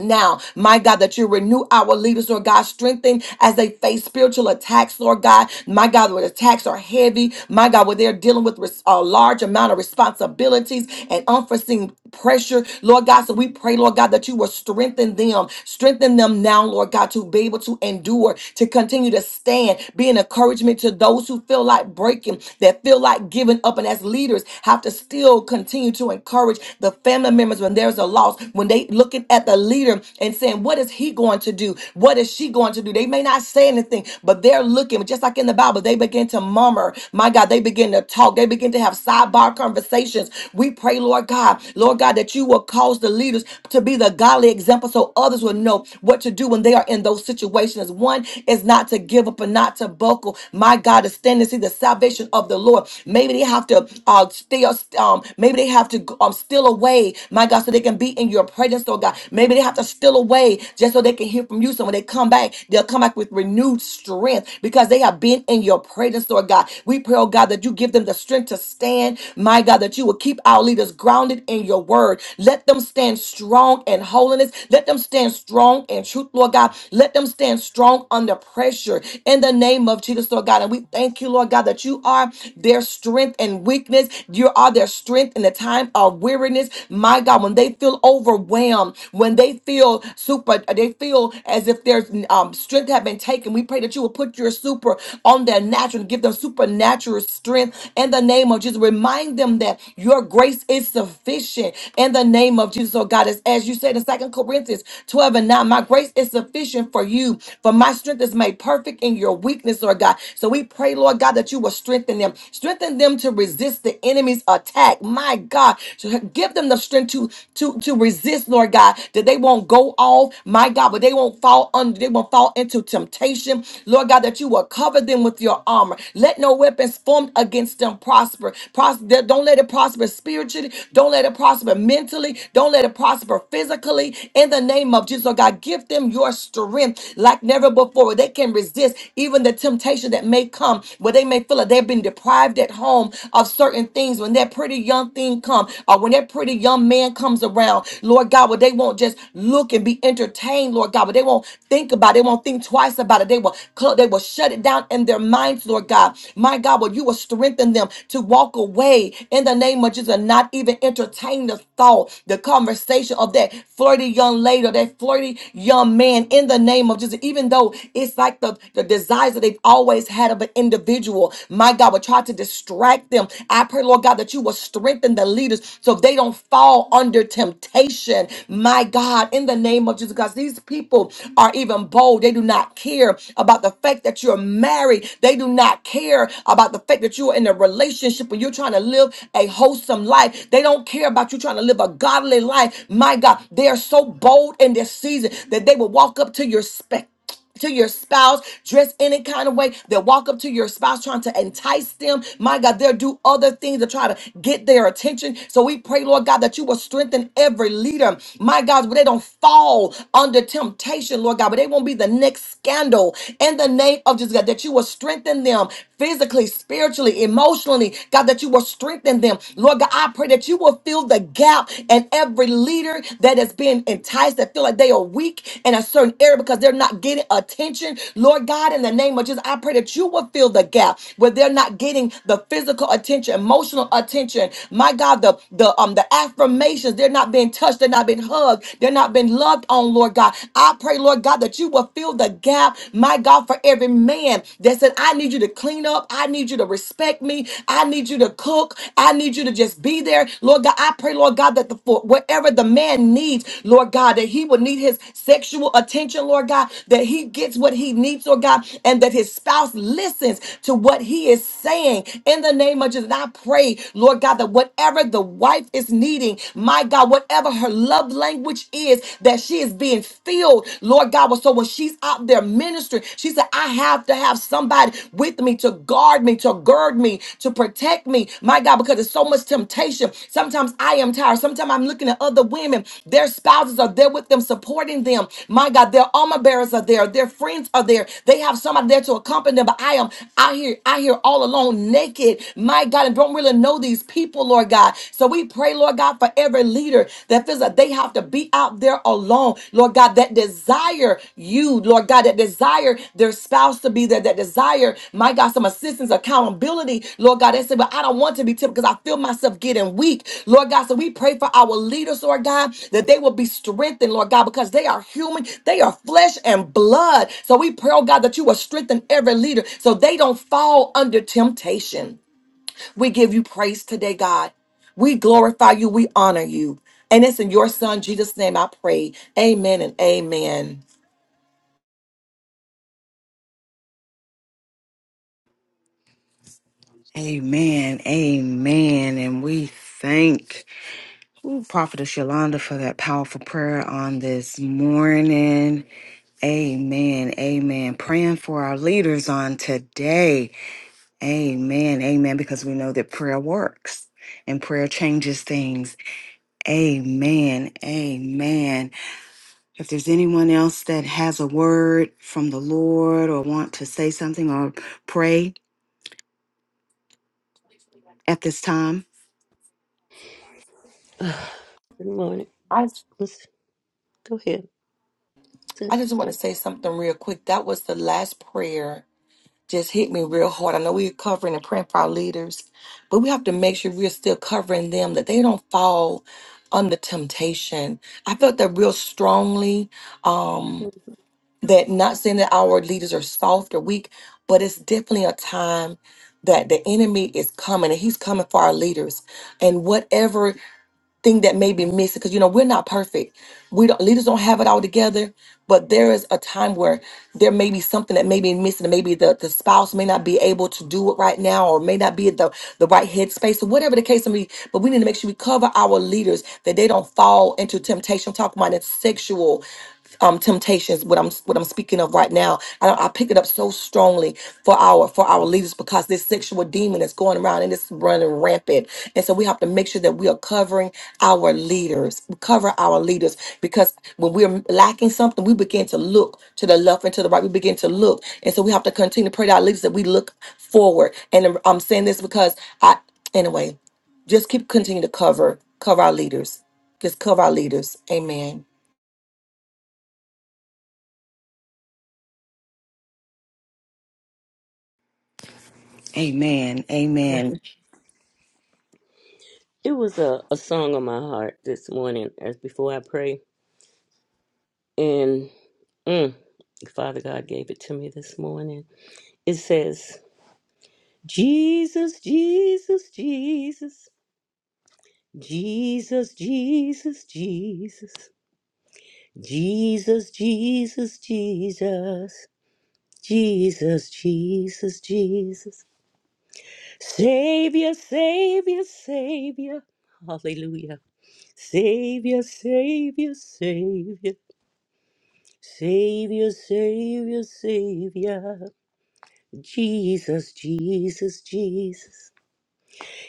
[SPEAKER 5] now, my God, that you renew our leaders, Lord God, strengthen as they face spiritual attacks, Lord God. My God, where attacks are heavy, my God, where they're dealing with res- a large amount of responsibilities and unforeseen pressure, Lord God. So we pray, Lord God, that you will strengthen them, strengthen them now, Lord God, to be able to endure, to continue to stand, be an encouragement to those who feel like breaking, that feel like giving up, and as leaders have to still continue to encourage the family members when there's a loss, when they look at looking at the leader and saying, What is he going to do? What is she going to do? They may not say anything, but they're looking, just like in the Bible, they begin to murmur. My God, they begin to talk. They begin to have sidebar conversations. We pray, Lord God, Lord God, that you will cause the leaders to be the godly example so others will know what to do when they are in those situations. One is not to give up and not to buckle. My God, to stand and see the salvation of the Lord. Maybe they have to uh, stay, um, maybe they have to um, steal away, my God, so they can be in your presence, Lord God. Maybe they have to steal away just so they can hear from you. So when they come back, they'll come back with renewed strength because they have been in your presence, Lord God. We pray, oh God, that you give them the strength to stand. My God, that you will keep our leaders grounded in your word. Let them stand strong in holiness. Let them stand strong in truth, Lord God. Let them stand strong under pressure in the name of Jesus, Lord God. And we thank you, Lord God, that you are their strength and weakness. You are their strength in the time of weariness. My God, when they feel feel overwhelmed, when they feel super, they feel as if their um, strength have been taken. We pray that you will put your super on their natural, give them supernatural strength in the name of Jesus. Remind them that your grace is sufficient in the name of Jesus. Oh God, as, as you said in Second Corinthians 12 and 9, my grace is sufficient for you, for my strength is made perfect in your weakness, Lord God. So we pray, Lord God, that you will strengthen them, strengthen them to resist the enemy's attack. My God, so give them the strength to to to to resist, Lord God, that they won't go off, my God, but they won't fall under, they won't fall into temptation, Lord God, that you will cover them with your armor. Let no weapons formed against them prosper. prosper. Don't let it prosper spiritually. Don't let it prosper mentally. Don't let it prosper physically. In the name of Jesus, Lord God, give them your strength like never before. They can resist even the temptation that may come, where they may feel that they've been deprived at home of certain things. When that pretty young thing come, or when that pretty pretty young man comes around, Lord God, where they won't just look and be entertained, Lord God, but they won't think about it, they won't think twice about it. They will clo- they will shut it down in their minds, Lord God. My God, well, you will strengthen them to walk away in the name of Jesus and not even entertain the thought, the conversation of that flirty young lady or that flirty young man in the name of Jesus, even though it's like the, the desires that they've always had of an individual. My God, will try to distract them. I pray, Lord God, that you will strengthen the leaders so they don't fall under temptation. My God, in the name of Jesus, because these people are even bold. They do not care about the fact that you're married. They do not care about the fact that you're in a relationship and you're trying to live a wholesome life. They don't care about you trying to live a godly life. My God, they are so bold in this season that they will walk up to your spec to your spouse, dress any kind of way. They'll walk up to your spouse trying to entice them. My God, they'll do other things to try to get their attention. So we pray, Lord God, that you will strengthen every leader. My God, where they don't fall under temptation, Lord God, but they won't be the next scandal. In the name of Jesus, God, that you will strengthen them physically, spiritually, emotionally. God, that you will strengthen them. Lord God, I pray that you will fill the gap and every every leader that has been enticed that feel like they are weak in a certain area because they're not getting attention. Lord God, in the name of Jesus, I pray that you will fill the gap where they're not getting the physical attention, emotional attention. My God, the the um the affirmations, they're not being touched, they're not being hugged, they're not being loved on, Lord God. I pray, Lord God, that you will fill the gap, my God, for every man that said, I need you to clean up, I need you to respect me me. I need you to cook. I need you to just be there. Lord God, I pray, Lord God, that the for whatever the man needs, Lord God, that he will need his sexual attention, Lord God, that he gets what he needs, Lord God, and that his spouse listens to what he is saying in the name of Jesus. And I pray, Lord God, that whatever the wife is needing, my God, whatever her love language is, that she is being filled, Lord God. So when she's out there out there ministering. She said, I have to have somebody with me to guard me, to gird me, to protect me. My God, because there's so much temptation. Sometimes I am tired. Sometimes I'm looking at other women. Their spouses are there with them, supporting them. My God, their armor bearers are there. Their friends are there. They have somebody there to accompany them. But I am out here, out here all alone, naked. My God, and don't really know these people, Lord God. So we pray, Lord God, for every leader that feels that they have to be out there alone, Lord God, that desire you, Lord God, that desire their spouse to be there, that desire, my God, some assistance, accountability, Lord God, they say, but I don't want to be tempted because I feel myself getting weak, Lord God. So we pray for our leaders, Lord God, that they will be strengthened, Lord God, because they are human, they are flesh and blood. So we pray, oh God, that you will strengthen every leader so they don't fall under temptation. We give you praise today, God. We glorify you. We honor you. And it's in your son, Jesus' name, I pray. Amen and amen.
[SPEAKER 2] Amen. Amen. And we thank Ooh, Prophetess Yolanda for that powerful prayer on this morning. Amen. Amen. Praying for our leaders on today. Amen. Amen. Because we know that prayer works and prayer changes things. Amen. Amen. If there's anyone else that has a word from the Lord or want to say something or pray at this time,
[SPEAKER 6] Good morning.
[SPEAKER 5] I,
[SPEAKER 6] Let's go ahead.
[SPEAKER 5] I
[SPEAKER 6] Sit.
[SPEAKER 5] just want to say something real quick. That was the last prayer. Just hit me real hard. I know we're covering and praying for our leaders, but we have to make sure we're still covering them that they don't fall under temptation. I felt that real strongly that not saying that our leaders are soft or weak, but it's definitely a time that the enemy is coming and he's coming for our leaders and whatever thing that may be missing because you know we're not perfect we don't leaders don't have it all together but there is a time where there may be something that may be missing and maybe the, the spouse may not be able to do it right now or may not be at the, the right headspace or whatever the case may be but we need to make sure we cover our leaders that they don't fall into temptation I'm talking about that sexual um temptations what i'm what i'm speaking of right now I, I pick it up so strongly for our for our leaders because this sexual demon is going around and it's running rampant and so we have to make sure that we are covering our leaders we cover our leaders because when we're lacking something we begin to look to the left and to the right we begin to look and so we have to continue to pray to our leaders that we look forward and i'm I'm saying this because i anyway just keep continuing to cover cover our leaders just cover our leaders amen
[SPEAKER 2] amen. Amen.
[SPEAKER 6] It was a, a song on my heart this morning as before I pray. And mm, Father God gave it to me this morning. It says, Jesus, Jesus, Jesus, Jesus, Jesus, Jesus, Jesus, Jesus, Jesus, Jesus, Jesus, Jesus, Savior, Savior, Savior. Hallelujah. Savior, Savior, Savior, Savior, Savior, Savior, Jesus, Jesus, Jesus,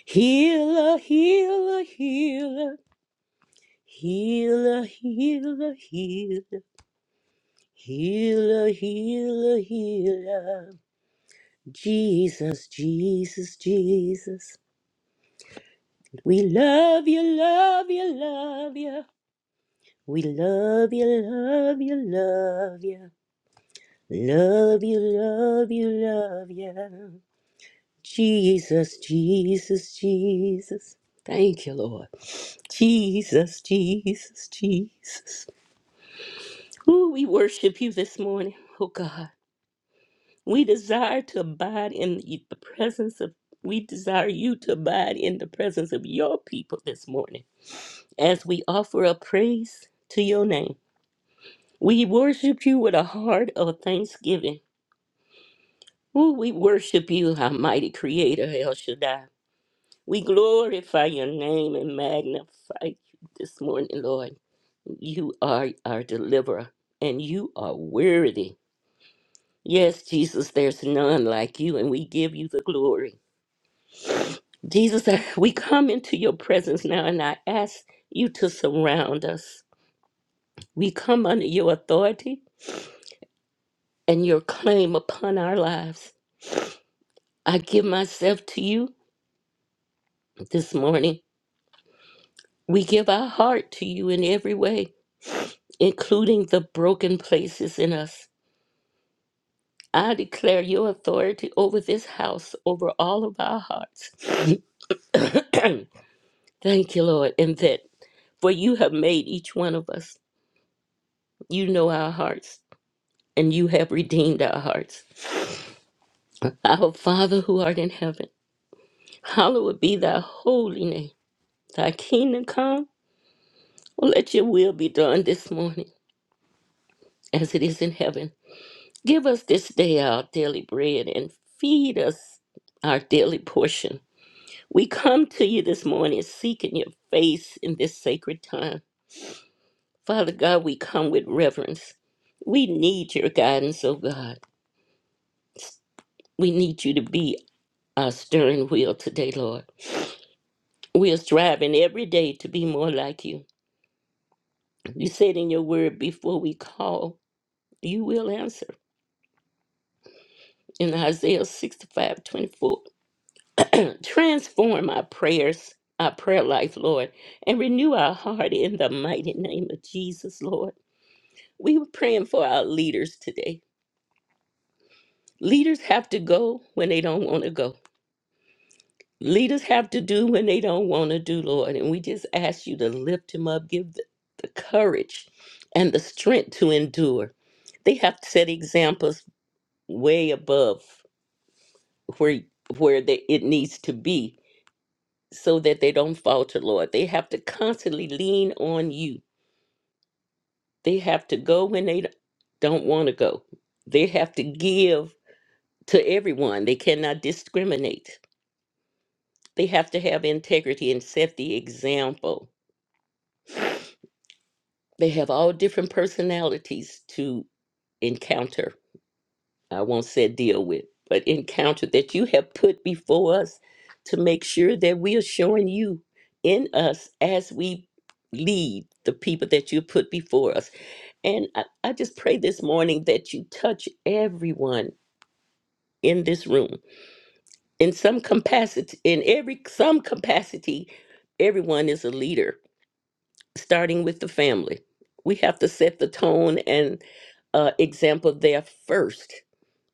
[SPEAKER 6] Healer, Healer, Healer, Healer, Healer, Healer, Healer, Healer, Healer, Jesus, Jesus, Jesus, we love you, love you, love you. We love you, love you, love you. Love you, love you, love you. Jesus, Jesus, Jesus. Thank you, Lord. Jesus, Jesus, Jesus. Ooh, we worship you this morning, oh God. We desire to abide in the presence of, we desire you to abide in the presence of your people this morning as we offer up praise to your name. We worship you with a heart of thanksgiving Ooh, we worship you, our mighty creator, El Shaddai. We glorify your name and magnify you this morning, Lord. You are our deliverer, and you are worthy. Yes, Jesus, there's none like you, and we give you the glory. Jesus, I- we come into your presence now, and I ask you to surround us. We come under your authority and your claim upon our lives. I give myself to you this morning. We give our heart to you in every way, including the broken places in us. I declare your authority over this house, over all of our hearts. Thank you, Lord, and that for you have made each one of us. You know our hearts, and you have redeemed our hearts. Our Father who art in heaven, hallowed be thy holy name. Thy kingdom come, let your will be done this morning as it is in heaven. Give us this day our daily bread and feed us our daily portion. We come to you this morning seeking your face in this sacred time. Father God, we come with reverence. We need your guidance, oh God. We need you to be our steering wheel today, Lord. We are striving every day to be more like you. You said in your word, before we call, you will answer. In Isaiah 65:24. Transform our prayers, our prayer life, Lord, and renew our heart in the mighty name of Jesus, Lord. We were praying for our leaders today. Leaders have to go when they don't want to go. Leaders have to do when they don't want to do, Lord. And we just ask you to lift them up, give the, the courage and the strength to endure. They have to set examples way above where where they, it needs to be so that they don't falter, Lord. They have to constantly lean on you. They have to go when they don't want to go. They have to give to everyone. They cannot discriminate. They have to have integrity and set the example. They have all different personalities to encounter. I won't say deal with, but encounter that you have put before us to make sure that we are showing you in us as we lead the people that you put before us And I, I just pray this morning that you touch everyone in this room in some capacity, in every some capacity, everyone is a leader, starting with the family. We have to set the tone and uh, example there first,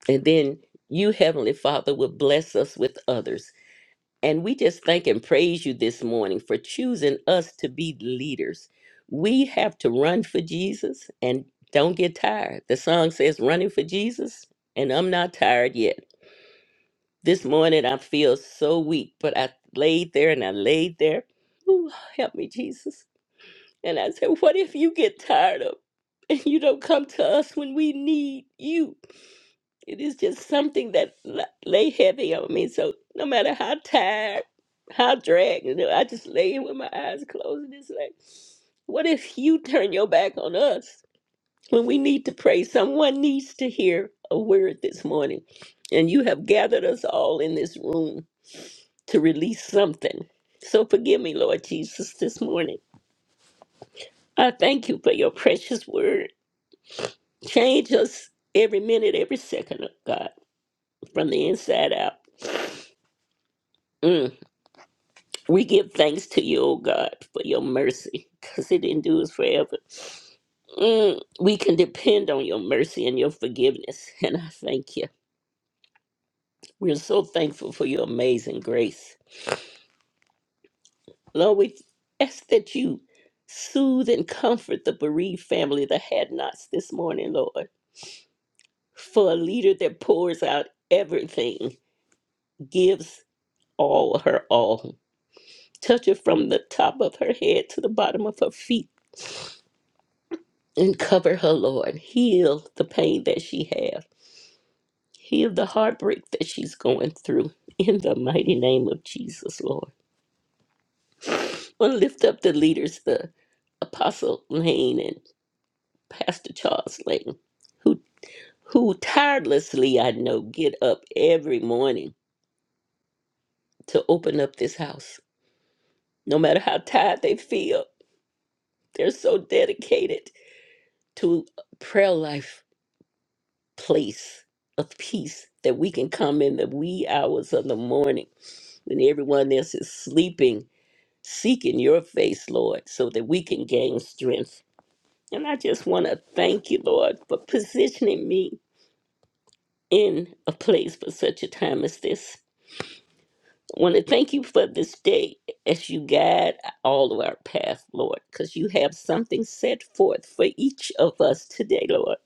[SPEAKER 6] and then you, Heavenly Father, will bless us with others. And we just thank and praise you this morning for choosing us to be leaders. We have to run for Jesus and don't get tired. The song says, Running for Jesus, and I'm not tired yet. This morning I feel so weak, but I laid there and I laid there. Ooh, help me, Jesus. And I said, What if you get tired of and you don't come to us when we need you? It is just something that la- lay heavy on me. So no matter how tired, how dragged, you know, I just lay here with my eyes closed and it's like, what if you turn your back on us when we need to pray? Someone needs to hear a word this morning. And you have gathered us all in this room to release something. So forgive me, Lord Jesus, this morning. I thank you for your precious word. Change us every minute, every second, oh God, from the inside out. Mm. We give thanks to you, O God, for your mercy, because it endures forever. Mm, we can depend on your mercy and your forgiveness, and I thank you. We're so thankful for your amazing grace. Lord, we ask that you soothe and comfort the bereaved family that had nots this morning, Lord. For a leader that pours out everything, gives all her all. Touch her from the top of her head to the bottom of her feet and cover her, Lord. Heal the pain that she has. Heal the heartbreak that she's going through in the mighty name of Jesus, Lord. I want to lift up the leaders, the Apostle Lane and Pastor Charles Lane, who who tirelessly, I know, get up every morning to open up this house. No matter how tired they feel, they're so dedicated to a prayer life place of peace that we can come in the wee hours of the morning when everyone else is sleeping, seeking your face, Lord, so that we can gain strength. And I just want to thank you, Lord, for positioning me in a place for such a time as this. I want to thank you for this day as you guide all of our path, Lord, because you have something set forth for each of us today, Lord.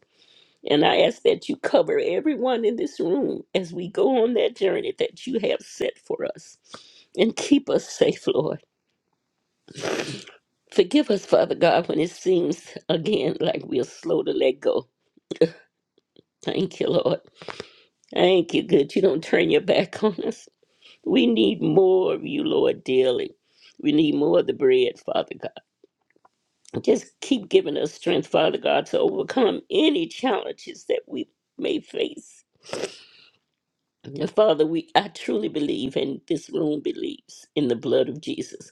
[SPEAKER 6] And I ask that you cover everyone in this room as we go on that journey that you have set for us and keep us safe, Lord. Forgive us, Father God, when it seems again like we're slow to let go. Thank you, Lord. Thank you, good. You don't turn your back on us. We need more of you, Lord, dearly. We need more of the bread, Father God. Just keep giving us strength, Father God, to overcome any challenges that we may face. And Father, we I truly believe, and this room believes, in the blood of Jesus.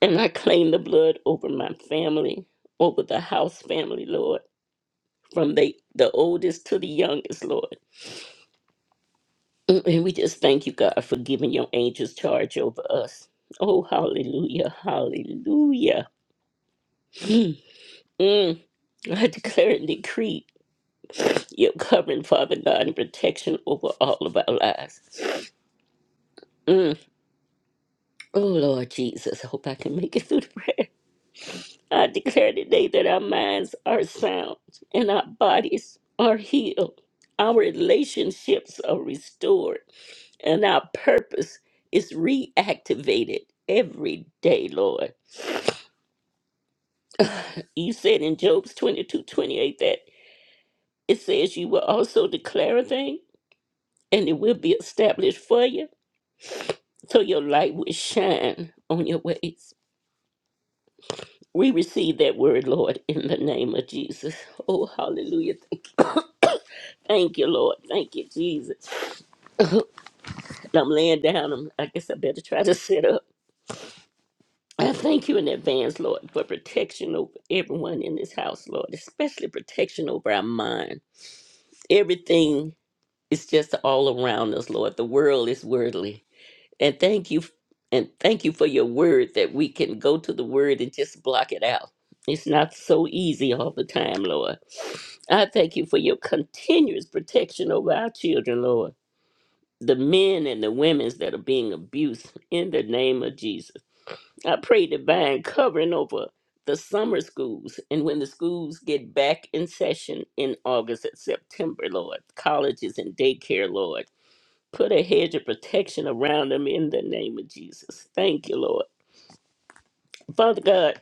[SPEAKER 6] And I claim the blood over my family, over the house family, Lord. from the, the oldest to the youngest, Lord. Mm, And we just thank you, God, for giving your angels charge over us. Oh, hallelujah, hallelujah. Mm, mm. I declare and decree your covering, Father God, and protection over all of our lives. Mm, oh, Lord Jesus, I hope I can make it through the prayer. I declare today that our minds are sound and our bodies are healed. Our relationships are restored and our purpose is reactivated every day, Lord. You said in Job's 22 28 that it says you will also declare a thing and it will be established for you, so your light will shine on your ways. We receive that word, Lord, in the name of Jesus. Oh, hallelujah. Thank you. Thank you, Lord. Thank you, Jesus. I'm laying down. I'm- I guess I better try to sit up. I thank you in advance, Lord, for protection over everyone in this house, Lord, especially protection over our mind. Everything is just all around us, Lord. The world is worldly. And thank you and thank you for your word that we can go to the word and just block it out. It's not so easy all the time, Lord. I thank you for your continuous protection over our children, Lord. The men and the women that are being abused in the name of Jesus. I pray divine covering over the summer schools and when the schools get back in session in August and September, Lord, colleges and daycare, Lord. Put a hedge of protection around them in the name of Jesus. Thank you, Lord. Father God,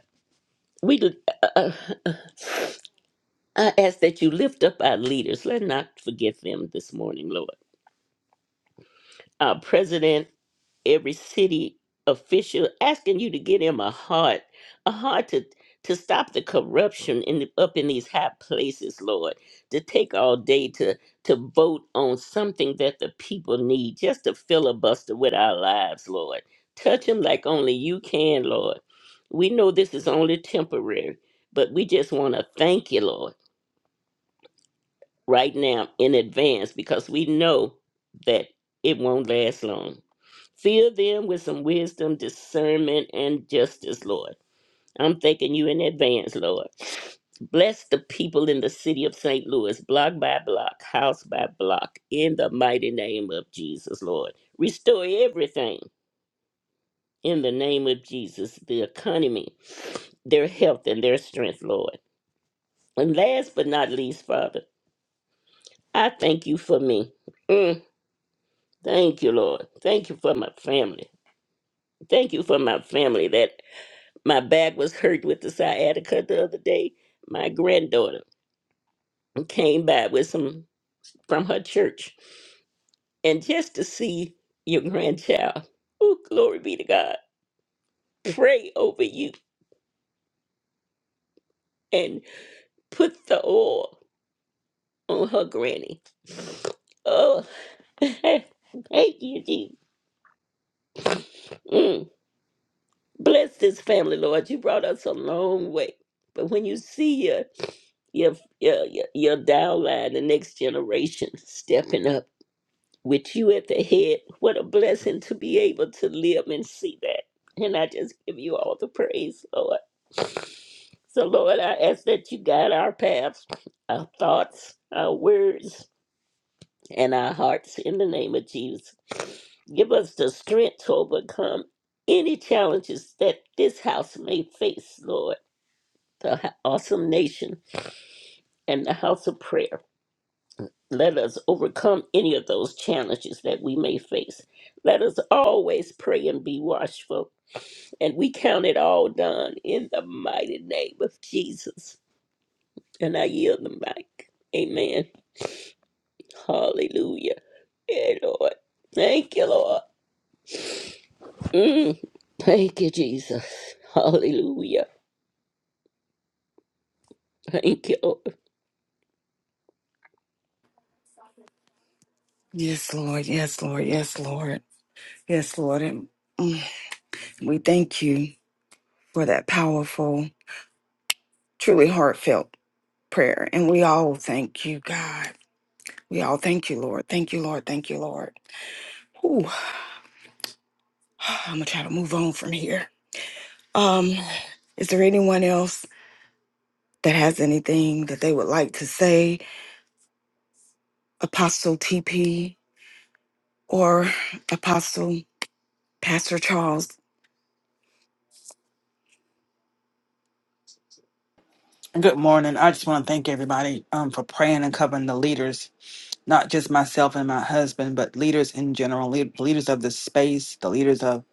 [SPEAKER 6] we uh, uh, I ask that you lift up our leaders. Let not forget them this morning, Lord. Our president every city official asking you to get him a heart, a heart to to stop the corruption in the, up in these high places, Lord. To take all day to to vote on something that the people need, just to filibuster with our lives, Lord. Touch him like only you can, Lord. We know this is only temporary, but we just want to thank you, Lord right now in advance because we know that it won't last long. Fill them with some wisdom, discernment, and justice, Lord. I'm thanking you in advance, Lord. Bless the people in the city of St. Louis, block by block, house by block, in the mighty name of Jesus, Lord. Restore everything in the name of Jesus, the economy, their health, and their strength, Lord. And last but not least, Father, I thank you for me. Mm. Thank you, Lord. Thank you for my family. Thank you for my family that my back was hurt with the sciatica the other day. My granddaughter came by with some from her church. And just to see your grandchild, oh, glory be to God, pray over you and put the oil on her granny. Oh, thank you, Jesus. Mm. Bless this family, Lord. You brought us a long way. But when you see your your your your your down line, the next generation stepping up with you at the head. What a blessing to be able to live and see that. And I just give you all the praise, Lord. So Lord, I ask that you guide our paths, our thoughts, our words, and our hearts in the name of Jesus. Give us the strength to overcome any challenges that this house may face, Lord, the awesome nation and the house of prayer. Let us overcome any of those challenges that we may face. Let us always pray and be watchful. And we count it all done in the mighty name of Jesus. And I yield the mic. Amen. Hallelujah. Yeah, Lord. Thank you, Lord. Mm. Thank you, Jesus. Hallelujah. Thank you, Lord.
[SPEAKER 2] Yes, Lord. Yes, Lord. Yes, Lord. Yes, Lord. We thank you for that powerful, truly heartfelt prayer. And we all thank you, God. We all thank you, Lord. Thank you, Lord. Thank you, Lord. Ooh, I'm gonna try to move on from here. Um, is there anyone else that has anything that they would like to say? Apostle TP or Apostle Pastor Charles.
[SPEAKER 7] Good morning. I just want to thank everybody um, for praying and covering the leaders, not just myself and my husband, but leaders in general, lead, leaders of the space, the leaders of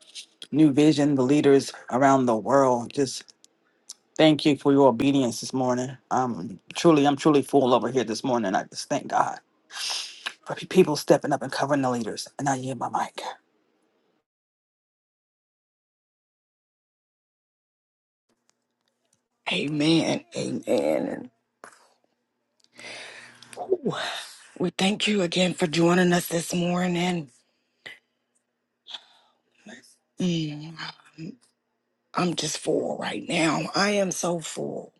[SPEAKER 7] New Vision, the leaders around the world. Just thank you for your obedience this morning. Um, truly, I'm truly full over here this morning. I just thank God for pe- people stepping up and covering the leaders. And I yield my mic.
[SPEAKER 2] Amen. Amen. Ooh, we thank you again for joining us this morning. Mm. I'm just full right now. I am so full.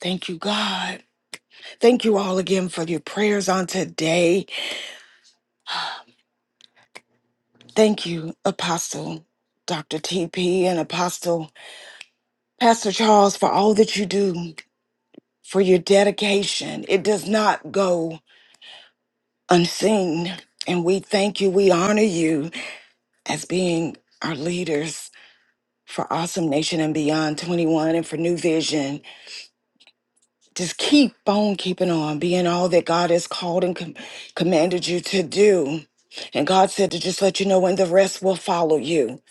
[SPEAKER 2] Thank you, God. Thank you all again for your prayers on today. Thank you, Apostle Dr. TP and Apostle Pastor Charles, for all that you do, for your dedication. It does not go unseen. And we thank you. We honor you as being our leaders for Awesome Nation and Beyond 21 and for New Vision. Just keep on keeping on, being all that God has called and com- commanded you to do. And God said to just let you know and the rest will follow you.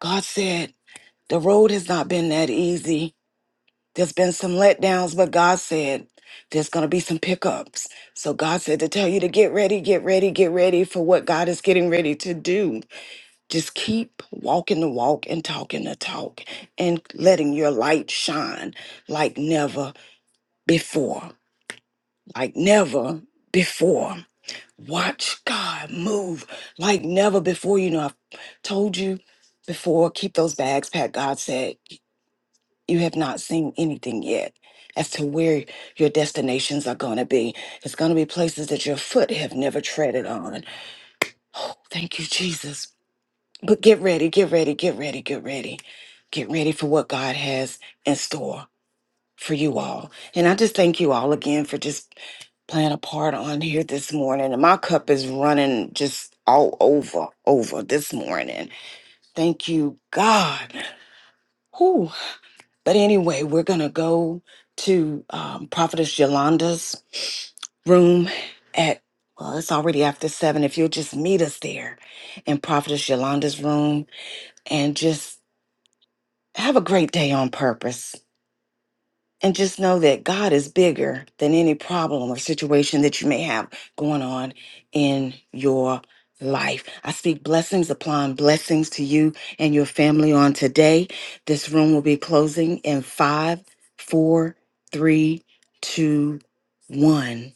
[SPEAKER 2] God said the road has not been that easy. There's been some letdowns, but God said there's going to be some pickups. So God said to tell you to get ready, get ready, get ready for what God is getting ready to do. Just keep walking the walk and talking the talk and letting your light shine like never before like never before. Watch God move like never before. You know, I've told you before, keep those bags packed. God said, You have not seen anything yet as to where your destinations are going to be. It's going to be places that your foot have never treaded on. Oh, thank you, Jesus. But get ready, get ready, get ready, get ready. Get ready for what God has in store for you all. And I just thank you all again for just playing a part on here this morning and my cup is running just all over over this morning thank you god Whew. but anyway we're gonna go to um, prophetess yolanda's room at well it's already after seven if you'll just meet us there in prophetess yolanda's room and just have a great day on purpose And just know that God is bigger than any problem or situation that you may have going on in your life. I speak blessings upon blessings to you and your family on today. This room will be closing in five, four, three, two, one.